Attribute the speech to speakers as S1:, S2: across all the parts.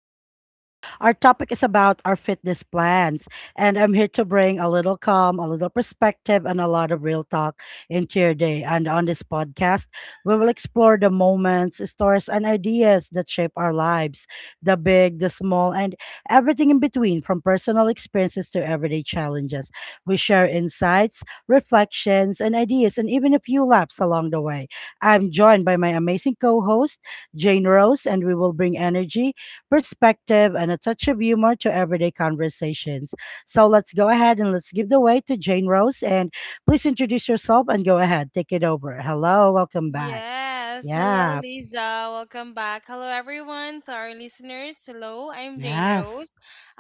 S1: with Lisa. Our topic is about our fitness plans, and I'm here to bring a little calm, a little perspective, and a lot of real talk into your day. And on this podcast, we will explore the moments, stories, and ideas that shape our lives, the big, the small, and everything in between, from personal experiences to everyday challenges. We share insights, reflections, and ideas, and even a few laps along the way. I'm joined by my amazing co host, Jane Rose, and we will bring energy, perspective, and a touch of humor to everyday conversations. So let's go ahead and let's give the way to Jane Rose. And please introduce yourself and go ahead, take it over. Hello, welcome back.
S2: Yes. Hello,
S1: Yeah,
S2: Lisa. Welcome back. Hello, everyone, to our listeners. Hello, I'm Jane
S1: yes,
S2: Rose.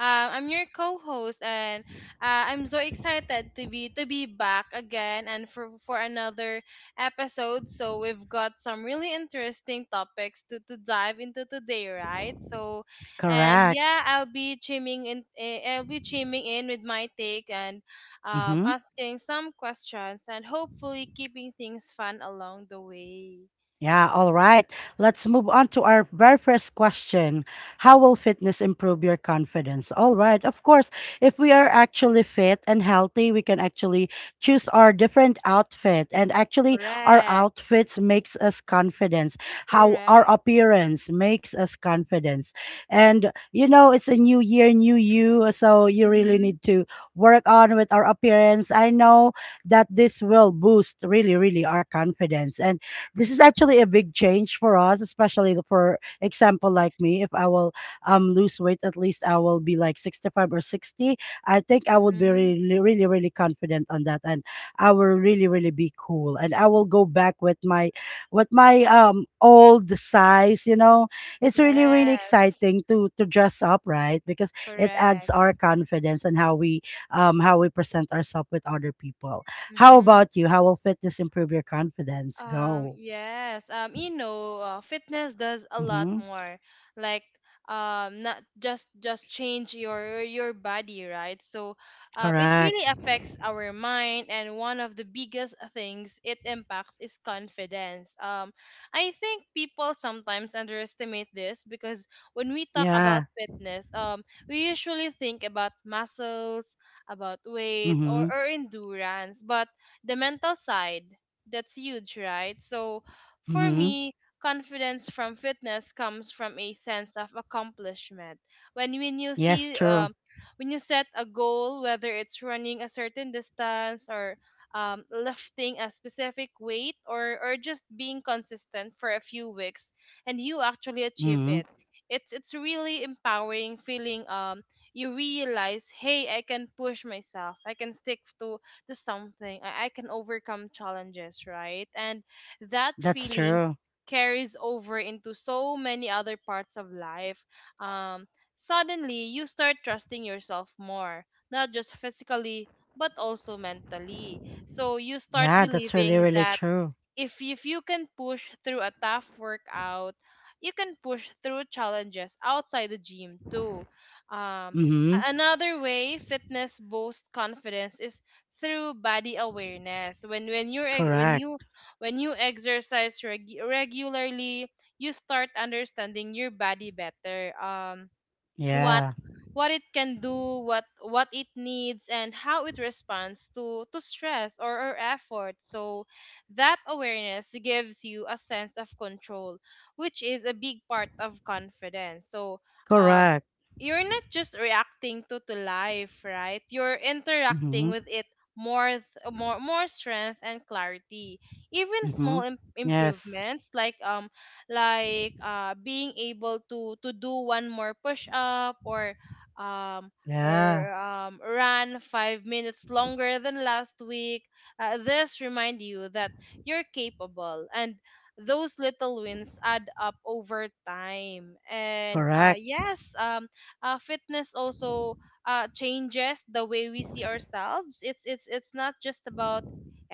S2: I'm your co-host, and I'm so excited to be back again and for another episode. So we've got some really interesting topics to dive into today, right? So, and
S1: correct.
S2: Yeah, I'll be chiming in. I'll be chiming in with my take and
S1: Mm-hmm.
S2: asking some questions, and hopefully keeping things fun along the way.
S1: Yeah, all
S2: Yeah,
S1: right. Let's move on to our very first question. How will fitness improve your confidence? All right. Of course, if we are actually fit and healthy, we can actually choose our different outfit, and actually our
S2: correct,
S1: outfits makes us confidence. How our
S2: correct.
S1: appearance makes us confidence. And you know, it's a new year, new you, so you really
S2: Mm-hmm.
S1: need to work on with our appearance. I know that this will boost really really our confidence. And this is actually a big change for us, especially for example like me. If I will lose weight, at least I will be like 65 or 60. I think I would be
S2: Mm-hmm.
S1: really, really, really confident on that, and I will really, really be cool, and I will go back with my with my old size. You know, it's really, really
S2: Yes,
S1: exciting to dress up, right? Because it adds
S2: correct.
S1: our confidence and how we present ourselves with other people. How
S2: Mm-hmm.
S1: about you? How will fitness improve your confidence?
S2: Um,
S1: Go.
S2: yes. Um, you know, uh, Fitness does a lot
S1: Mhm.
S2: more. Like, Not just change your body, right? It
S1: Correct.
S2: really affects our mind, and one of the biggest things it impacts is confidence. I think people sometimes underestimate this because when we talk
S1: Yeah.
S2: about fitness, we usually think about muscles, about weight,
S1: Mhm.
S2: or endurance, but the mental side. That's huge, right? So for
S1: Mhm.
S2: me, confidence from fitness comes from a sense of accomplishment. When when you
S1: Yes,
S2: see
S1: true.
S2: um, when you set a goal, whether it's running a certain distance or lifting a specific weight or just being consistent for a few weeks, and you actually achieve
S1: Mhm.
S2: it, it's really empowering feeling. You realize, hey, I can push myself. I can stick to something. I can overcome challenges, right? And that
S1: That's true.
S2: feeling carries over into so many other parts of life. Um, Suddenly, you start trusting yourself more, not just physically, but also mentally. So you start
S1: Yeah, that's really,
S2: believing
S1: really
S2: that
S1: true.
S2: if you can push through a tough workout, you can push through challenges outside the gym too. Um,
S1: Mhm.
S2: Another way fitness boosts confidence is through body awareness. When you when
S1: Correct.
S2: you when you exercise reg- regularly, you start understanding your body better. What
S1: Yeah.
S2: what it can do, what it needs, and how it responds to stress or effort. So that awareness gives you a sense of control, which is a big part of confidence. Um,
S1: Correct.
S2: you're not just reacting to life, right? You're interacting
S1: Mhm.
S2: with it more th- more more strength and clarity. Even
S1: Mhm.
S2: small
S1: Yes.
S2: improvements like being able to do one more push up or um
S1: Yeah.
S2: run 5 minutes longer than last week. This remind you that you're capable, and those little wins add up over time. And uh,
S1: Correct.
S2: yes, um, uh, fitness also changes the way we see ourselves. It's not just about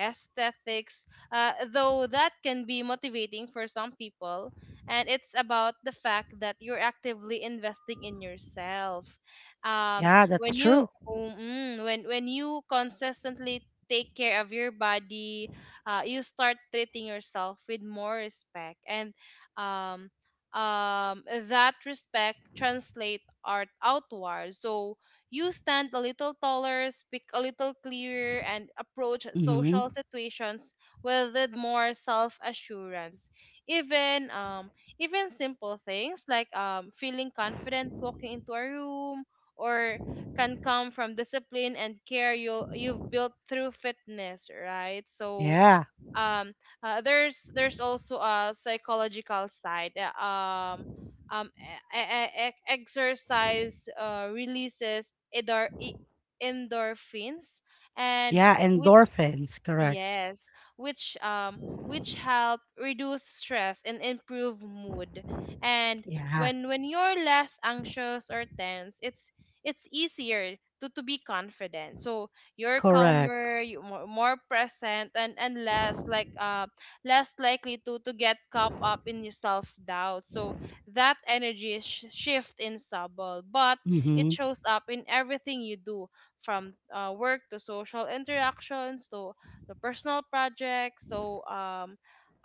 S2: aesthetics though that can be motivating for some people. And it's about the fact that you're actively investing in yourself. Um,
S1: Yeah, that's
S2: when you
S1: true.
S2: oh, mm, when you consistently take care of your body, you start treating yourself with more respect, and um, um, that respect translate art outward. So you stand a little taller, speak a little clearer, and approach
S1: Mhm.
S2: social situations with more self assurance. Even um even simple things like feeling confident walking into a room or can come from discipline and care you've built through fitness, right? So
S1: Yeah.
S2: um uh, there's there's also a psychological side. Um Exercise releases endorphins and
S1: Yeah,
S2: which
S1: endorphins. Correct.
S2: Yes, which um which help reduce stress and improve mood. And
S1: Yeah.
S2: when you're less anxious or tense, it's easier to be confident. So you're
S1: Correct.
S2: calmer, you more present and less less likely to get caught up in your self doubt. So that energy is shift in subtle, but
S1: Mhm.
S2: it shows up in everything you do from work to social interactions to the personal projects. So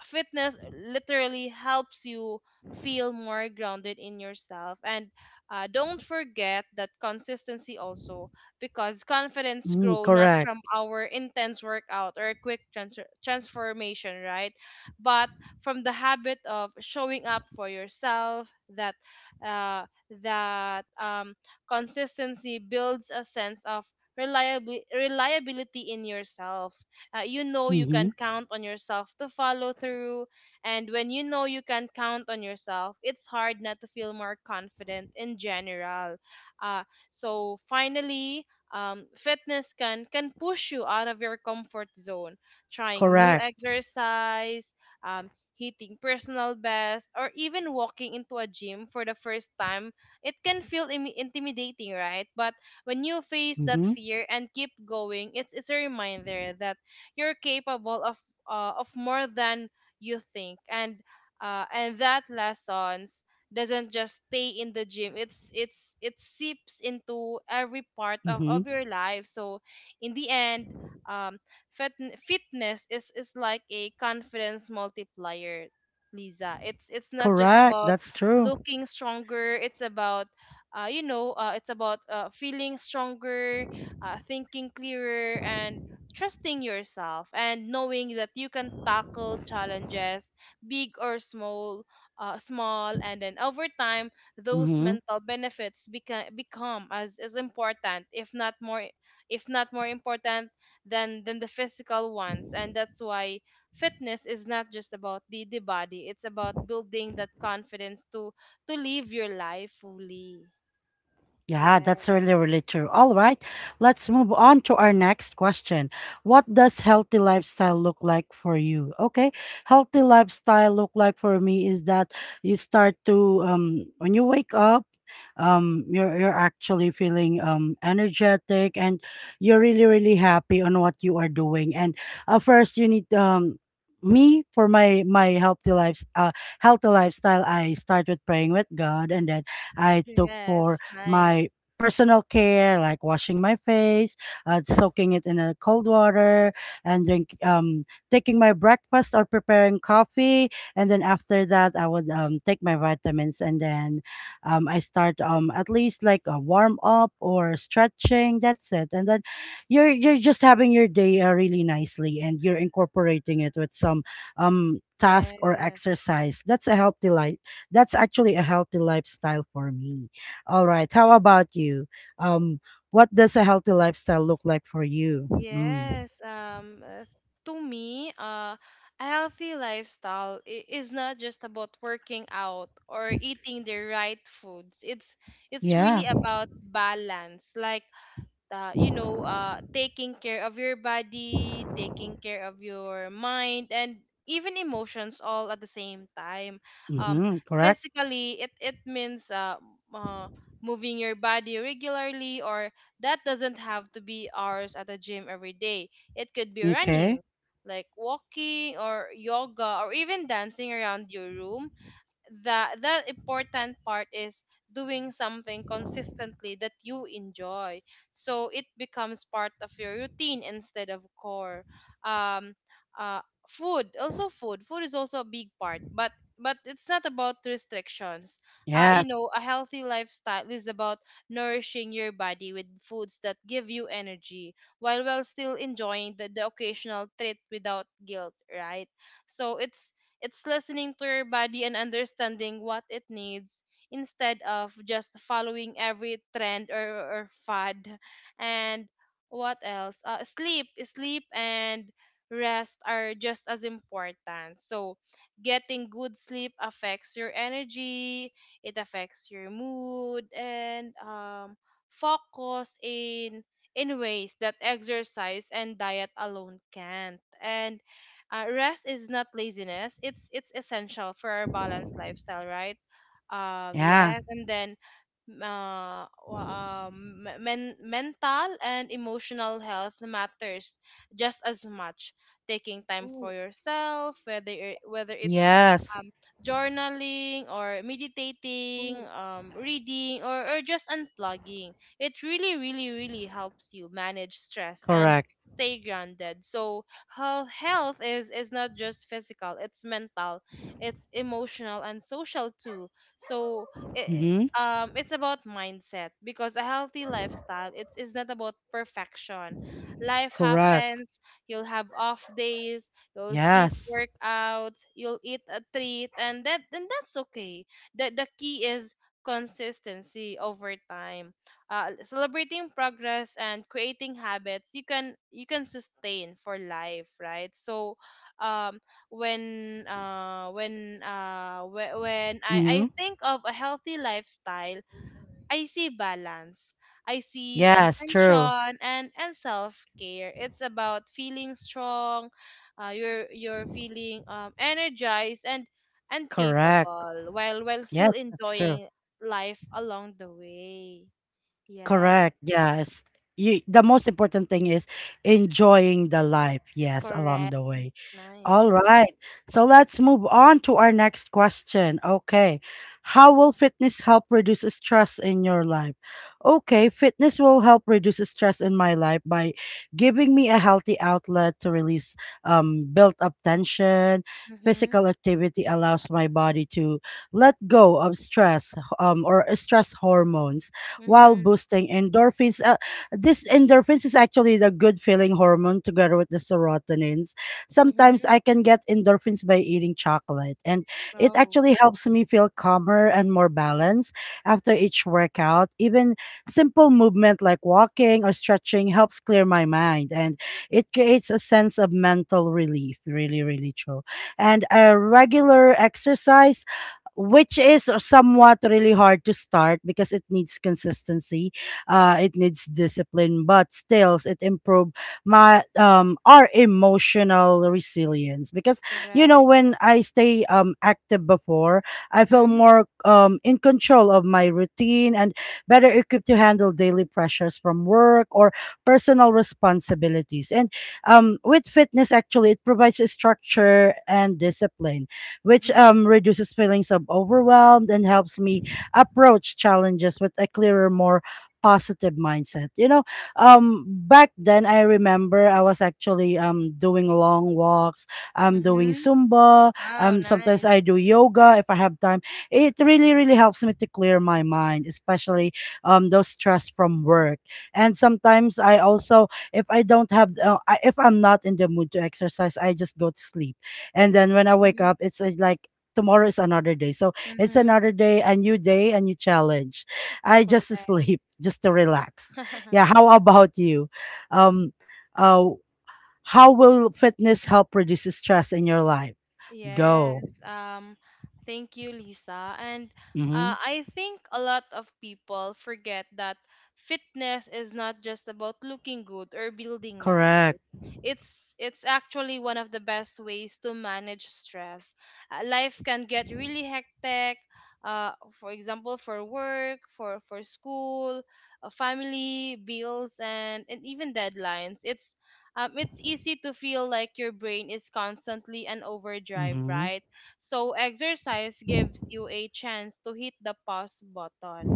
S2: fitness literally helps you feel more grounded in yourself and don't forget that consistency also because confidence
S1: Mm,
S2: grow not from
S1: correct.
S2: our intense workout or a quick transformation right but from the habit of showing up for yourself that uh, that um, consistency builds a sense of reliably reliability in yourself you know you can
S1: Mhm.
S2: count on yourself to follow through. And when you know you can count on yourself, it's hard not to feel more confident in general. Uh, so finally, fitness can push you out of your comfort zone. Trying new
S1: Correct.
S2: exercise, um, hitting personal best, or even walking into a gym for the first time, it can feel intimidating, right? But when you face that
S1: Mhm.
S2: fear and keep going, it's a reminder that you're capable of more than you think and that lessons doesn't just stay in the gym it seeps into every part
S1: Mhm.
S2: of your life so in the end um fit, fitness is like a confidence multiplier lisa it's not just
S1: Correct. That's
S2: about
S1: true.
S2: looking stronger it's about feeling stronger thinking clearer and trusting yourself and knowing that you can tackle challenges big or small and then over time those
S1: Mhm.
S2: mental benefits become as important if not more important than the physical ones and that's why fitness is not just about the body it's about building that confidence to live your life fully
S1: Yeah, that's really,
S2: yes
S1: really true. All right, let's move on to our next question. What does healthy lifestyle look like for you? Okay, healthy lifestyle look like for me is that you start to when you wake up, you're actually feeling energetic and you're really really happy on what you are doing. And first you need me for my healthy life, healthy lifestyle. I started praying with God, and then I took for
S2: yes
S1: my
S2: nice
S1: personal care, like washing my face, soaking it in a cold water, and drink, taking my breakfast or preparing coffee. And then after that, I would take my vitamins, and then I start, at least like a warm up or stretching. That's it. And then you're just having your day really nicely, and you're incorporating it with some task or
S2: yes
S1: exercise. That's a healthy life. That's actually a healthy lifestyle for me. All right. How about you? Um, what does a healthy lifestyle look like for you? Mm.
S2: Yes, to me, a healthy lifestyle is not just about working out or eating the right foods. It's
S1: Yeah.
S2: really about balance. Like taking care of your body, taking care of your mind, and even emotions all at the same time. Um,
S1: Mm-hmm. Correct.
S2: Physically, it means uh, moving your body regularly, or that doesn't have to be hours at the gym every day. It could be running,
S1: Okay.
S2: like walking or yoga, or even dancing around your room the important part is doing something consistently that you enjoy so it becomes part of your routine instead of core um uh food is also a big part but it's not about restrictions you
S1: Yes.
S2: know a healthy lifestyle is about nourishing your body with foods that give you energy while still enjoying the occasional treat without guilt right so it's listening to your body and understanding what it needs instead of just following every trend or fad. And what else? Sleep and rest are just as important. So, getting good sleep affects your energy, it affects your mood and focus in ways that exercise and diet alone can't. And rest is not laziness. It's essential for our balanced lifestyle, right?
S1: Yeah.
S2: Yes, and then wa- me- men- Mental and emotional health matters just as much. Taking time for yourself, whether it's
S1: Yes.
S2: um, journaling or meditating, reading, or just unplugging, it really, really, really helps you manage stress and
S1: Correct.
S2: stay grounded. So health is not just physical, it's mental, it's emotional and social too. So it,
S1: Mm-hmm.
S2: it's about mindset because a healthy lifestyle it's is not about perfection. Life
S1: Correct.
S2: happens, you'll have off days, you'll skip
S1: Yes.
S2: workouts, you'll eat a treat and that's okay. The key is consistency over time celebrating progress and creating habits you can sustain for life right so um when whe- when I
S1: Mm-hmm.
S2: think of a healthy lifestyle I see balance I see
S1: Yes. True.
S2: intention and self care it's about feeling strong you're feeling energized and
S1: Correct.
S2: capable while
S1: Yes,
S2: still
S1: that's true.
S2: enjoying life along the way Yes.
S1: Correct. Yes. You, the most important thing is enjoying the life. Yes, along
S2: Correct.
S1: the way. All
S2: Nice.
S1: right. So let's move on to our next question. Okay. How will fitness help reduce stress in your life? Okay, fitness will help reduce stress in my life by giving me a healthy outlet to release built up tension.
S2: Mm-hmm.
S1: Physical activity allows my body to let go of stress, or stress hormones, while
S2: Mm-hmm.
S1: boosting endorphins. This endorphins is actually the good feeling hormone together with the serotonin. Sometimes
S2: Mm-hmm.
S1: I can get endorphins by eating chocolate. And it
S2: Oh,
S1: actually helps me feel calmer and more balanced after each workout. Even simple movement like walking or stretching helps clear my mind, and it creates a sense of mental relief. Really, really true. And a regular exercise, which is somewhat really hard to start because it needs consistency, it needs discipline, but still it improve my our emotional resilience because you know
S2: correct.
S1: when I stay active before, I feel
S2: Mm-hmm.
S1: more in control of my routine and better equipped to handle daily pressures from work or personal responsibilities. And with fitness actually it provides a structure and discipline which
S2: Mm-hmm.
S1: reduces feelings of overwhelmed and helps me approach challenges with a clearer more positive mindset, you know. Back then I remember I was actually doing long walks, I'm doing
S2: Mm-hmm.
S1: Zumba,
S2: Oh,
S1: sometimes
S2: nice.
S1: I do yoga if I have time. It really really helps me to clear my mind, especially those stress from work. And sometimes I also, if I don't have if I'm not in the mood to exercise, I just go to sleep. And then when I wake
S2: Mm-hmm.
S1: up, it's like tomorrow is another day. So it's
S2: Mm-hmm.
S1: another day, a new challenge. I just
S2: Correct.
S1: sleep just to relax. Yeah, how about you? Um, uh, how will fitness help reduce stress in your life? Go.
S2: Yes, thank you, Lisa. And
S1: Mm-hmm.
S2: I think a lot of people forget that fitness is not just about looking good or building muscle.
S1: Correct.
S2: It's actually one of the best ways to manage stress. Life can get really hectic. Uh, for example, for work, for school, family, bills, and even deadlines. It's easy to feel like your brain is constantly on overdrive,
S1: Mm-hmm.
S2: right? So exercise gives you a chance to hit the pause button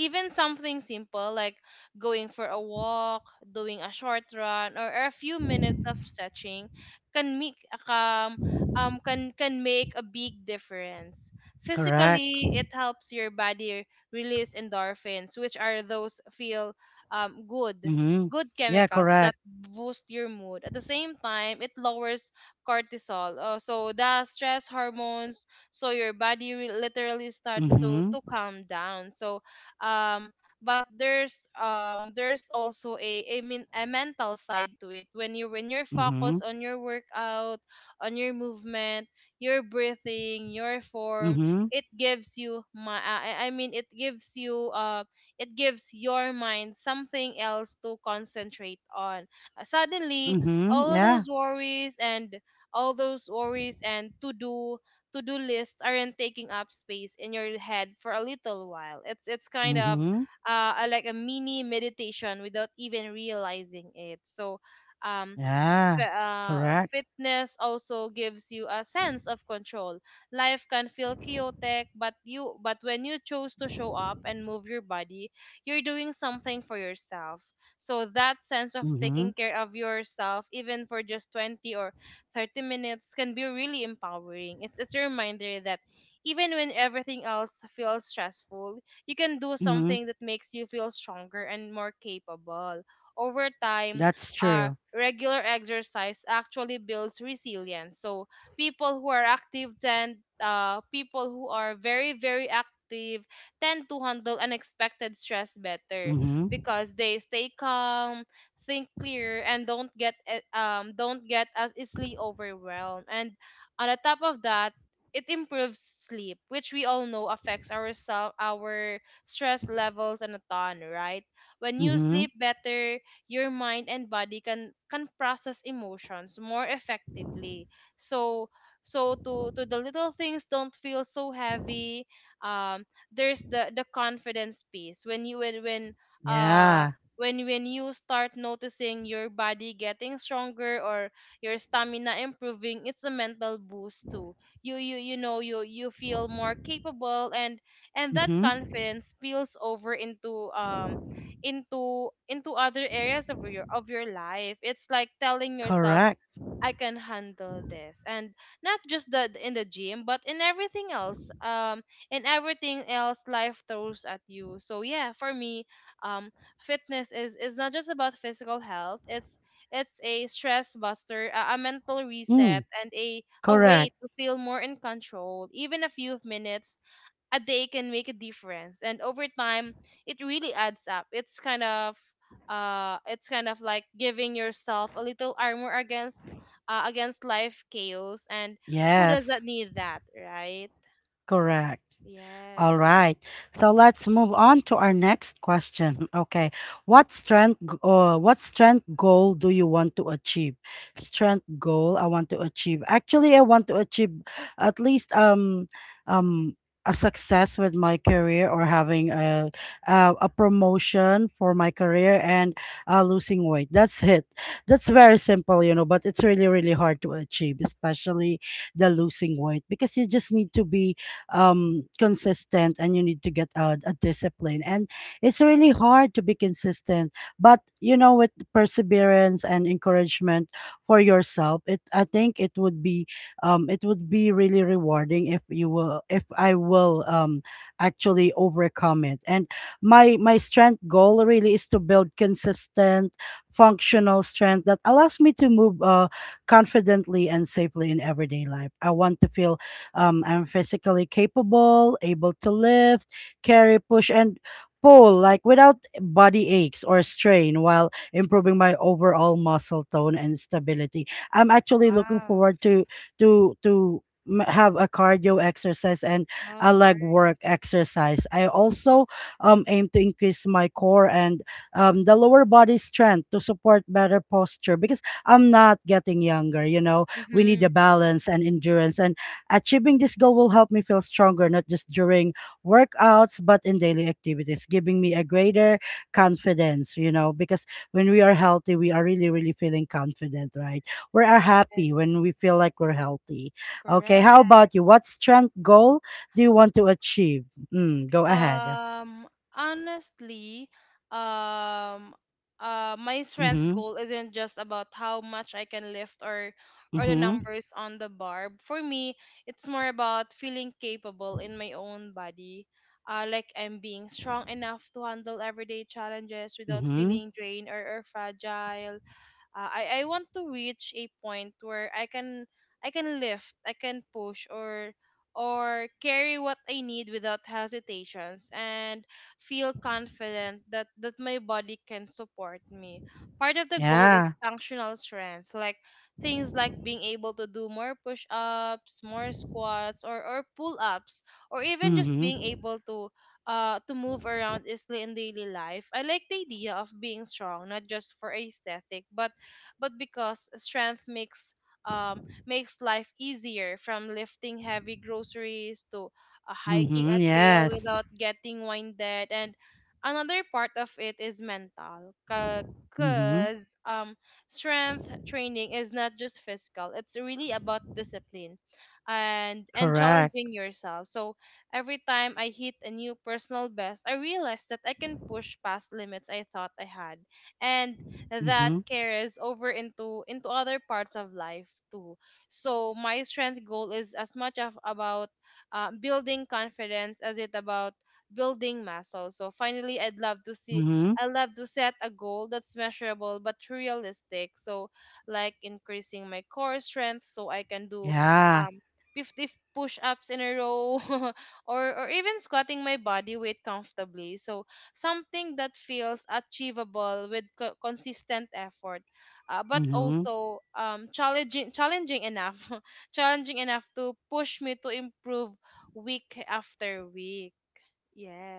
S2: even something simple like going for a walk, doing a short run, or a few minutes of stretching can make um, can make a big difference.
S1: Correct.
S2: Physically, it helps your body release endorphins, which are those feel good
S1: Mm-hmm.
S2: good
S1: Yeah,
S2: chemicals that
S1: correct.
S2: boost your mood. At the same time, it lowers cortisol, so the stress hormones. So your body literally starts to
S1: Mm-hmm.
S2: calm down. So um but there's also a a mental side to it when you when you're
S1: Mm-hmm.
S2: focused on your workout, on your movement, your breathing, your form.
S1: Mm-hmm.
S2: It gives you my I mean it gives you it gives your mind something else to concentrate on. Suddenly
S1: Mm-hmm.
S2: all those
S1: Yeah.
S2: worries and all those worries and to do lists aren't taking up space in your head for a little while. It's kind of
S1: Mm-hmm.
S2: like a mini meditation without even realizing it. So um,
S1: Yeah.
S2: F-
S1: Correct.
S2: fitness also gives you a sense of control. Life can feel chaotic, but when you choose to show up and move your body, you're doing something for yourself. So that sense of taking
S1: Mm-hmm.
S2: care of yourself, even for just 20 or 30 minutes, can be really empowering. It's a reminder that even when everything else feels stressful, you can do
S1: Mm-hmm.
S2: something that makes you feel stronger and more capable. Over time,
S1: That's
S2: uh,
S1: true.
S2: regular exercise actually builds resilience. So people who are very active tend to handle unexpected stress better
S1: Mm-hmm.
S2: because they stay calm, think clear, and don't get don't get as easily overwhelmed. And on the top of that, it improves sleep, which we all know affects our stress levels and a ton, right? When you
S1: Mm-hmm.
S2: sleep better, your mind and body can process emotions more effectively, so so to the little things don't feel so heavy. um there's the confidence piece uh
S1: Yeah.
S2: when you start noticing your body getting stronger or your stamina improving, it's a mental boost too. You feel more capable, and that
S1: Mm-hmm.
S2: confidence spills over into other areas of your life. It's like telling yourself,
S1: Correct.
S2: I can handle this, and not just the in the gym but in everything else life throws at you. So yeah, for me, um fitness is not just about physical health. It's a stress buster, a mental
S1: Mm.
S2: reset, and a way
S1: Correct.
S2: to feel more in control. Even a few minutes a day can make a difference, and over time it really adds up. It's kind of it's kind of like giving yourself a little armor against against life chaos. And who doesn't
S1: Yes.
S2: need that, right?
S1: Correct. All
S2: Yes.
S1: right. So let's move on to our next question. Okay. What strength goal do you want to achieve? Strength goal I want to achieve. Actually, I want to achieve at least um a success with my career, or having a promotion for my career, and losing weight. That's it. That's very simple, you know, but it's really really hard to achieve, especially the losing weight, because you just need to be consistent, and you need to get a discipline, and it's really hard to be consistent. But you know, with perseverance and encouragement for yourself, it, I think it would be, it would be really rewarding if you will, if I will actually overcome it. And my strength goal really is to build consistent functional strength that allows me to move confidently and safely in everyday life. I want to feel, I'm physically capable, able to lift, carry, push, and pull, like without body aches or strain, while improving my overall muscle tone and stability. I'm actually looking
S2: Wow.
S1: forward to to to have a cardio exercise and
S2: Oh,
S1: a leg
S2: nice.
S1: work exercise. I also aim to increase my core and, the lower body strength to support better posture, because I'm not getting younger. You know, we need
S2: Mm-hmm.
S1: a balance and endurance, and achieving this goal will help me feel stronger, not just during workouts, but in daily activities, giving me a greater confidence, you know, because when we are healthy, we are really, really feeling confident, right? We are happy when
S2: Yes.
S1: we feel like we're healthy. Okay, how
S2: Correct.
S1: about you? What strength goal do you want to achieve? Mm, go ahead.
S2: Um, Honestly, um, my strength
S1: Mm-hmm.
S2: goal isn't just about how much I can lift or the
S1: Mm-hmm.
S2: numbers on the bar. For me, it's more about feeling capable in my own body. Like I'm being strong enough to handle everyday challenges without
S1: Mm-hmm.
S2: feeling drained or fragile. I want to reach a point where I can lift, I can push, or carry what I need without hesitations and feel confident that my body can support me. Part of the goal is
S1: Yeah.
S2: functional strength, like things like being able to do more push-ups, more squats, or pull-ups, or even just being
S1: Mm-hmm.
S2: able to move around easily in daily life. I like the idea of being strong, not just for aesthetic, but because strength makes um, makes life easier, from lifting heavy groceries to hiking a
S1: Mm-hmm.
S2: trail
S1: Yes.
S2: without getting winded. And another part of it is mental
S1: Mm-hmm.
S2: because strength training is not just physical, it's really about discipline and
S1: Correct.
S2: challenging yourself. So every time I hit a new personal best, I realize that I can push past limits I thought I had, and that
S1: Mm-hmm.
S2: carries over into other parts of life too. So my strength goal is as much of about building confidence as it about building muscle. So finally,
S1: Mm-hmm.
S2: I love to set a goal that's measurable but realistic. So like increasing my core strength so I can do
S1: Yeah.
S2: um 50 push-ups in a row or even squatting my body weight comfortably. So something that feels achievable with consistent effort, but
S1: Mm-hmm.
S2: also challenging enough challenging enough to push me to improve week after week.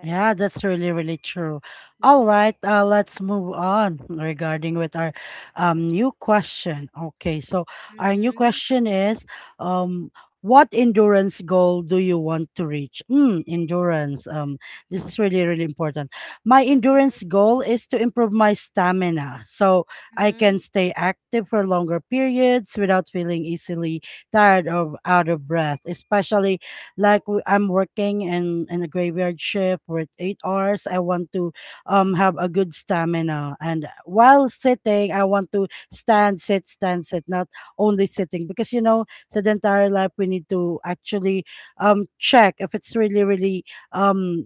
S1: Yeah, that's really, really true. All
S2: Mhm.
S1: right, let's move on regarding with our new question. Okay, so our new
S2: Mhm.
S1: question is, what endurance goal do you want to reach? Mm, endurance. This is really, really important. My endurance
S2: Mhm.
S1: goal is to improve my stamina so I can
S2: Mhm.
S1: stay active for longer periods without feeling easily tired or out of breath, especially like I'm working in a graveyard shift with 8 hours. I want to have a good stamina, and while sitting I want to stand sit stand sit, not only sitting, because you know, sedentary life, we need to actually check if it's really really um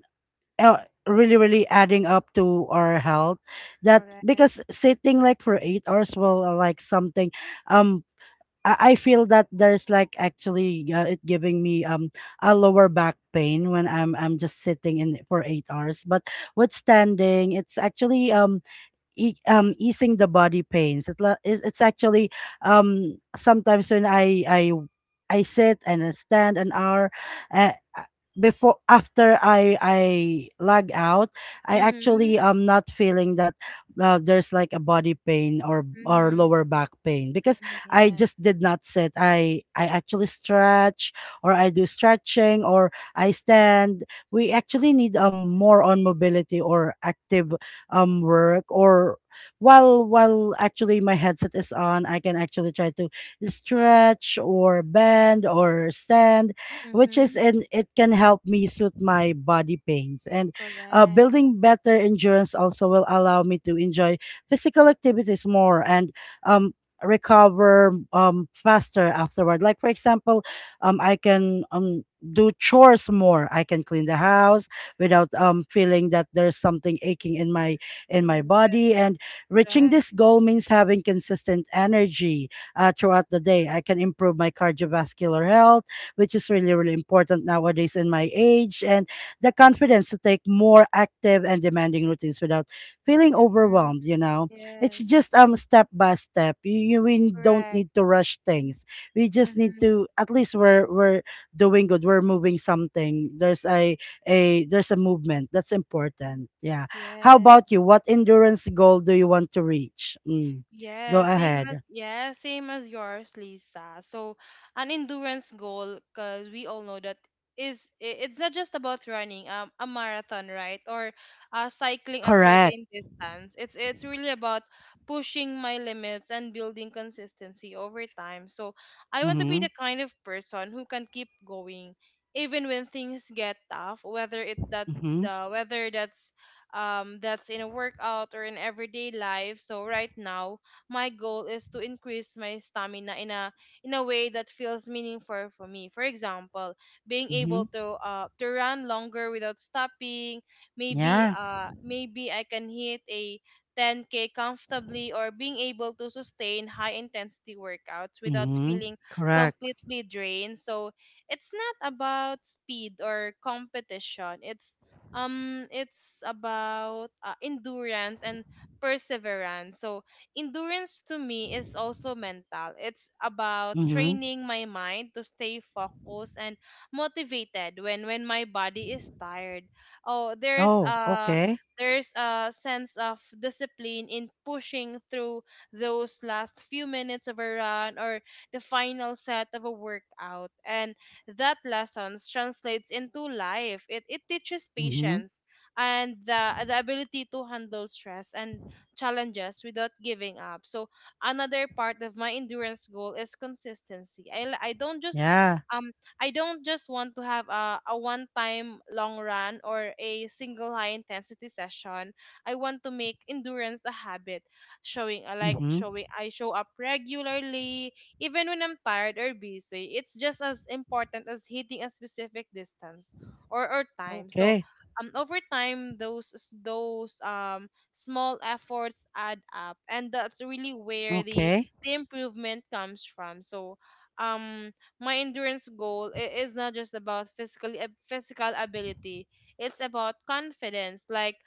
S1: uh, really really adding up to our health. That
S2: Correct.
S1: because sitting like for 8 hours will, like something, um I feel that there's like actually, it giving me a lower back pain when I'm just sitting in for 8 hours. But with standing, it's actually easing the body pains. It's, la- it's it's actually sometimes when I sit and I stand an hour, uh, uh, before after I lag out, I actually
S2: Mhm.
S1: am not feeling that there's like a body pain or
S2: Mhm.
S1: lower back pain because
S2: Mhm.
S1: I
S2: Yes.
S1: just did not sit. I actually stretch, or I do stretching, or I stand. We actually need more on mobility or active work, or while actually my headset is on, I can actually try to stretch or bend or stand, which is
S2: Mhm.
S1: and it can help me soothe my body pains. And
S2: Correct.
S1: building better endurance also will allow me to enjoy physical activities more, and um recover faster afterward, like for example, I can do chores more. I can clean the house without feeling that there's something aching in my body. And reaching
S2: Correct.
S1: this goal means having consistent energy throughout the day. I can improve my cardiovascular health, which is really, really important nowadays in my age, and the confidence to take more active and demanding routines without feeling
S2: Mhm.
S1: overwhelmed. It's
S2: Yes.
S1: just step by step. You we don't
S2: Correct.
S1: need to rush things. We just need
S2: Mhm.
S1: to at least we're doing good. We're moving something. There's a movement. That's important. Yeah. How
S2: Yes.
S1: about you? What endurance goal do you want to reach? Mm. Go
S2: Yeah, same as
S1: ahead.
S2: yours, Lisa. So, an endurance goal, because we all know that it's not just about running a marathon, right? Or cycling a
S1: Correct.
S2: certain distance. It's really about pushing my limits and building consistency over time. So, I want to be
S1: Mm-hmm.
S2: the kind of person who can keep going even when things get tough, whether it that
S1: Mm-hmm.
S2: the whether that's in a workout or in everyday life. So right now my goal is to increase my stamina in a way that feels meaningful for me. For example, being able
S1: Mm-hmm.
S2: to run longer without stopping, maybe
S1: Yeah.
S2: I can hit a 10k comfortably, or being able to sustain high intensity workouts without
S1: Mm-hmm.
S2: feeling
S1: Correct.
S2: completely drained. So, it's not about speed or competition. It's about endurance and perseverance. So, endurance to me is also mental. It's about
S1: Mm-hmm.
S2: training my mind to stay focused and motivated when my body is tired. Oh, there's
S1: Oh,
S2: a
S1: okay.
S2: sense of discipline in pushing through those last few minutes of a run or the final set of a workout. And that lessons translates into life. It teaches
S1: Mm-hmm.
S2: patience and the ability to handle stress and challenges without giving up. So another part of my endurance goal is consistency. I don't just
S1: Yeah.
S2: um want to have a one time long run or a single high intensity session. I want to make endurance a habit,
S1: Mm-hmm.
S2: showing I show up regularly even when I'm tired or busy. It's just as important as hitting a specific distance or time. So
S1: Okay.
S2: over time those small efforts add up, and that's really where
S1: Okay.
S2: the improvement comes from. So um my endurance goal is not just about physical ability, it's about confidence, like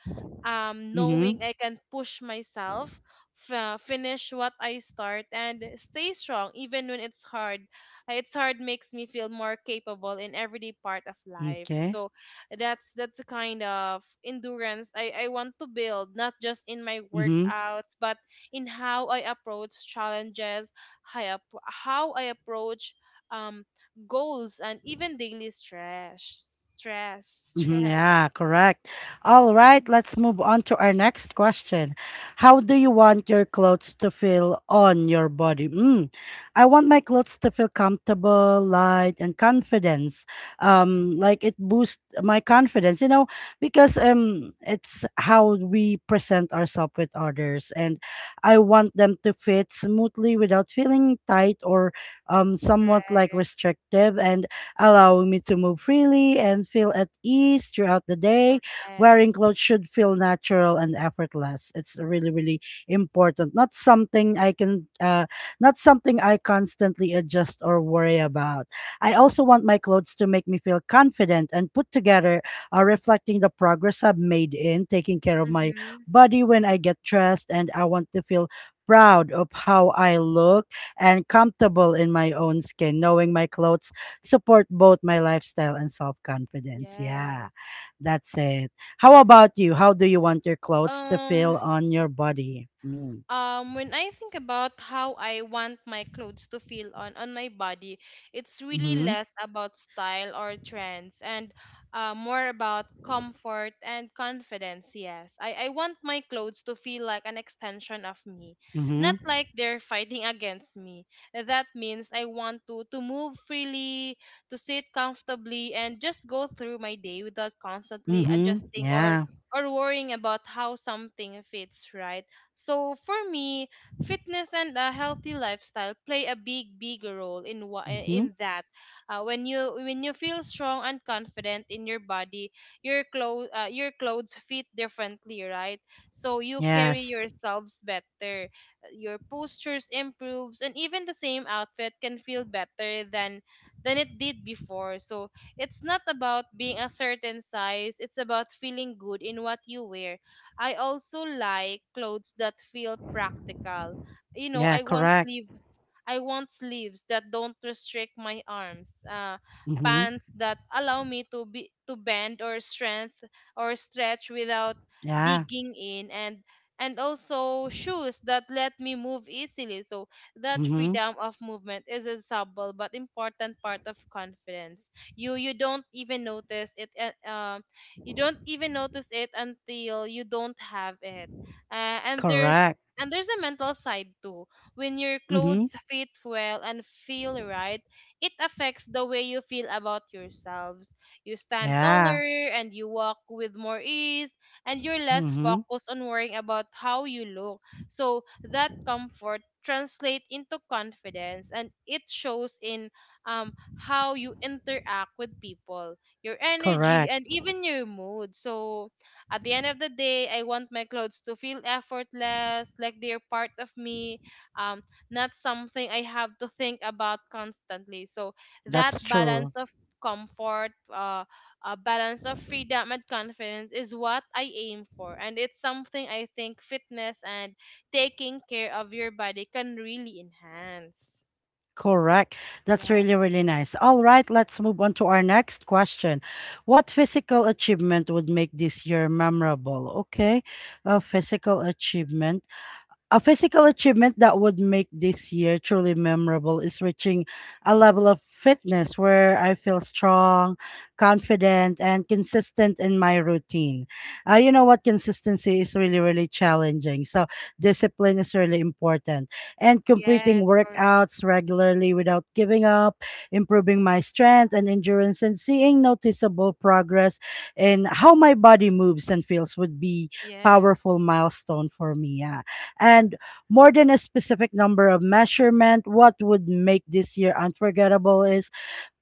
S2: knowing
S1: Mm-hmm.
S2: I can push myself, finish what I start, and stay strong even when it's hard. It's hard makes me feel more capable in every part of life.
S1: Okay.
S2: So that's the kind of endurance I want to build, not just in my
S1: Mm-hmm.
S2: workouts but in how I approach challenges, how I approach um goals and even daily stress stress
S1: Mhm,
S2: stress.
S1: yeah, correct. All right,
S2: Mm.
S1: let's move on to our next question. How do you want your clothes to feel on your body? I want my clothes to feel comfortable, light, and confidence. Like it boosts my confidence, because it's how we present ourselves with others, and I want them to fit smoothly without feeling tight or somewhat like
S2: Correct.
S1: restrictive, and allowing me to move freely and feel at ease throughout the day.
S2: Correct.
S1: Wearing clothes should feel natural and effortless. It's really, really important. Not something I constantly adjust or worry about. I also want my clothes to make me feel confident and put together, reflecting the progress I've made in taking care of my
S2: Mm-hmm.
S1: body when I get dressed, and I want to feel proud of how I look and comfortable in my own skin, knowing my clothes support both my lifestyle and self-confidence. Yeah.
S2: Yes.
S1: That's it. How
S2: Mm-hmm.
S1: about you? How do you want your clothes to
S2: um
S1: feel on your body? Mm.
S2: when I think about how I want my clothes to feel on my body, it's really
S1: Mhm.
S2: less about style or trends and more about comfort and confidence. Yes, I want my clothes to feel like an extension of me,
S1: Mhm.
S2: not like they're fighting against me. That means I want to move freely, to sit comfortably, and just go through my day without constantly
S1: Mhm.
S2: adjusting or
S1: Yeah.
S2: worrying about how something fits right. So for me, fitness and a healthy lifestyle play a big, big role in
S1: Mhm.
S2: in that. When you feel strong and confident in your body, your clothes fit differently, right? So you carry
S1: Yes.
S2: yourselves better. Your postures improves, and even the same outfit can feel better than it did before. So it's not about being a certain size; it's about feeling good in what you wear. I also like clothes that feel practical. You know,
S1: Yeah,
S2: I want
S1: correct.
S2: sleeves. I want sleeves that don't restrict my arms.
S1: Mhm.
S2: Pants that allow me to be to bend or strength or stretch without
S1: Yeah.
S2: digging in, and also shoes that let me move easily. So that
S1: Mhm.
S2: freedom of movement is a subtle but important part of confidence. You don't even notice it you don't even notice it until you don't have it. And there's
S1: Correct.
S2: a mental side too. When your
S1: Mhm.
S2: clothes fit well and feel right, it affects the way you feel about yourselves. You stand
S1: Yeah.
S2: taller and you walk with more ease, and you're less
S1: Mhm.
S2: focused on worrying about how you look. So that comfort translates into confidence, and it shows in how you interact with people, your energy,
S1: Correct.
S2: and even your mood. So At the end of the day, I want my clothes to feel effortless, like they're part of me, um, not something I have to think about constantly. So that
S1: That's true.
S2: balance of comfort, a balance of freedom and confidence is what I aim for. And it's something I think fitness and taking care of your body can really enhance.
S1: Correct. That's really,
S2: Yes.
S1: really nice. All right, let's move on to our next question. What physical achievement would make this year memorable? Okay, a physical achievement. A physical achievement that would make this year truly memorable is reaching a level of fitness where I feel strong, confident, and consistent in my routine. You know what? Consistency is really, really challenging. So, discipline is really important. And completing
S2: Yes, correct.
S1: workouts regularly without giving up, improving my strength and endurance, and seeing noticeable progress in how my body moves and feels would be
S2: Yes.
S1: powerful milestone for me. Yeah, and more than a specific number of measurement, what would make this year unforgettable is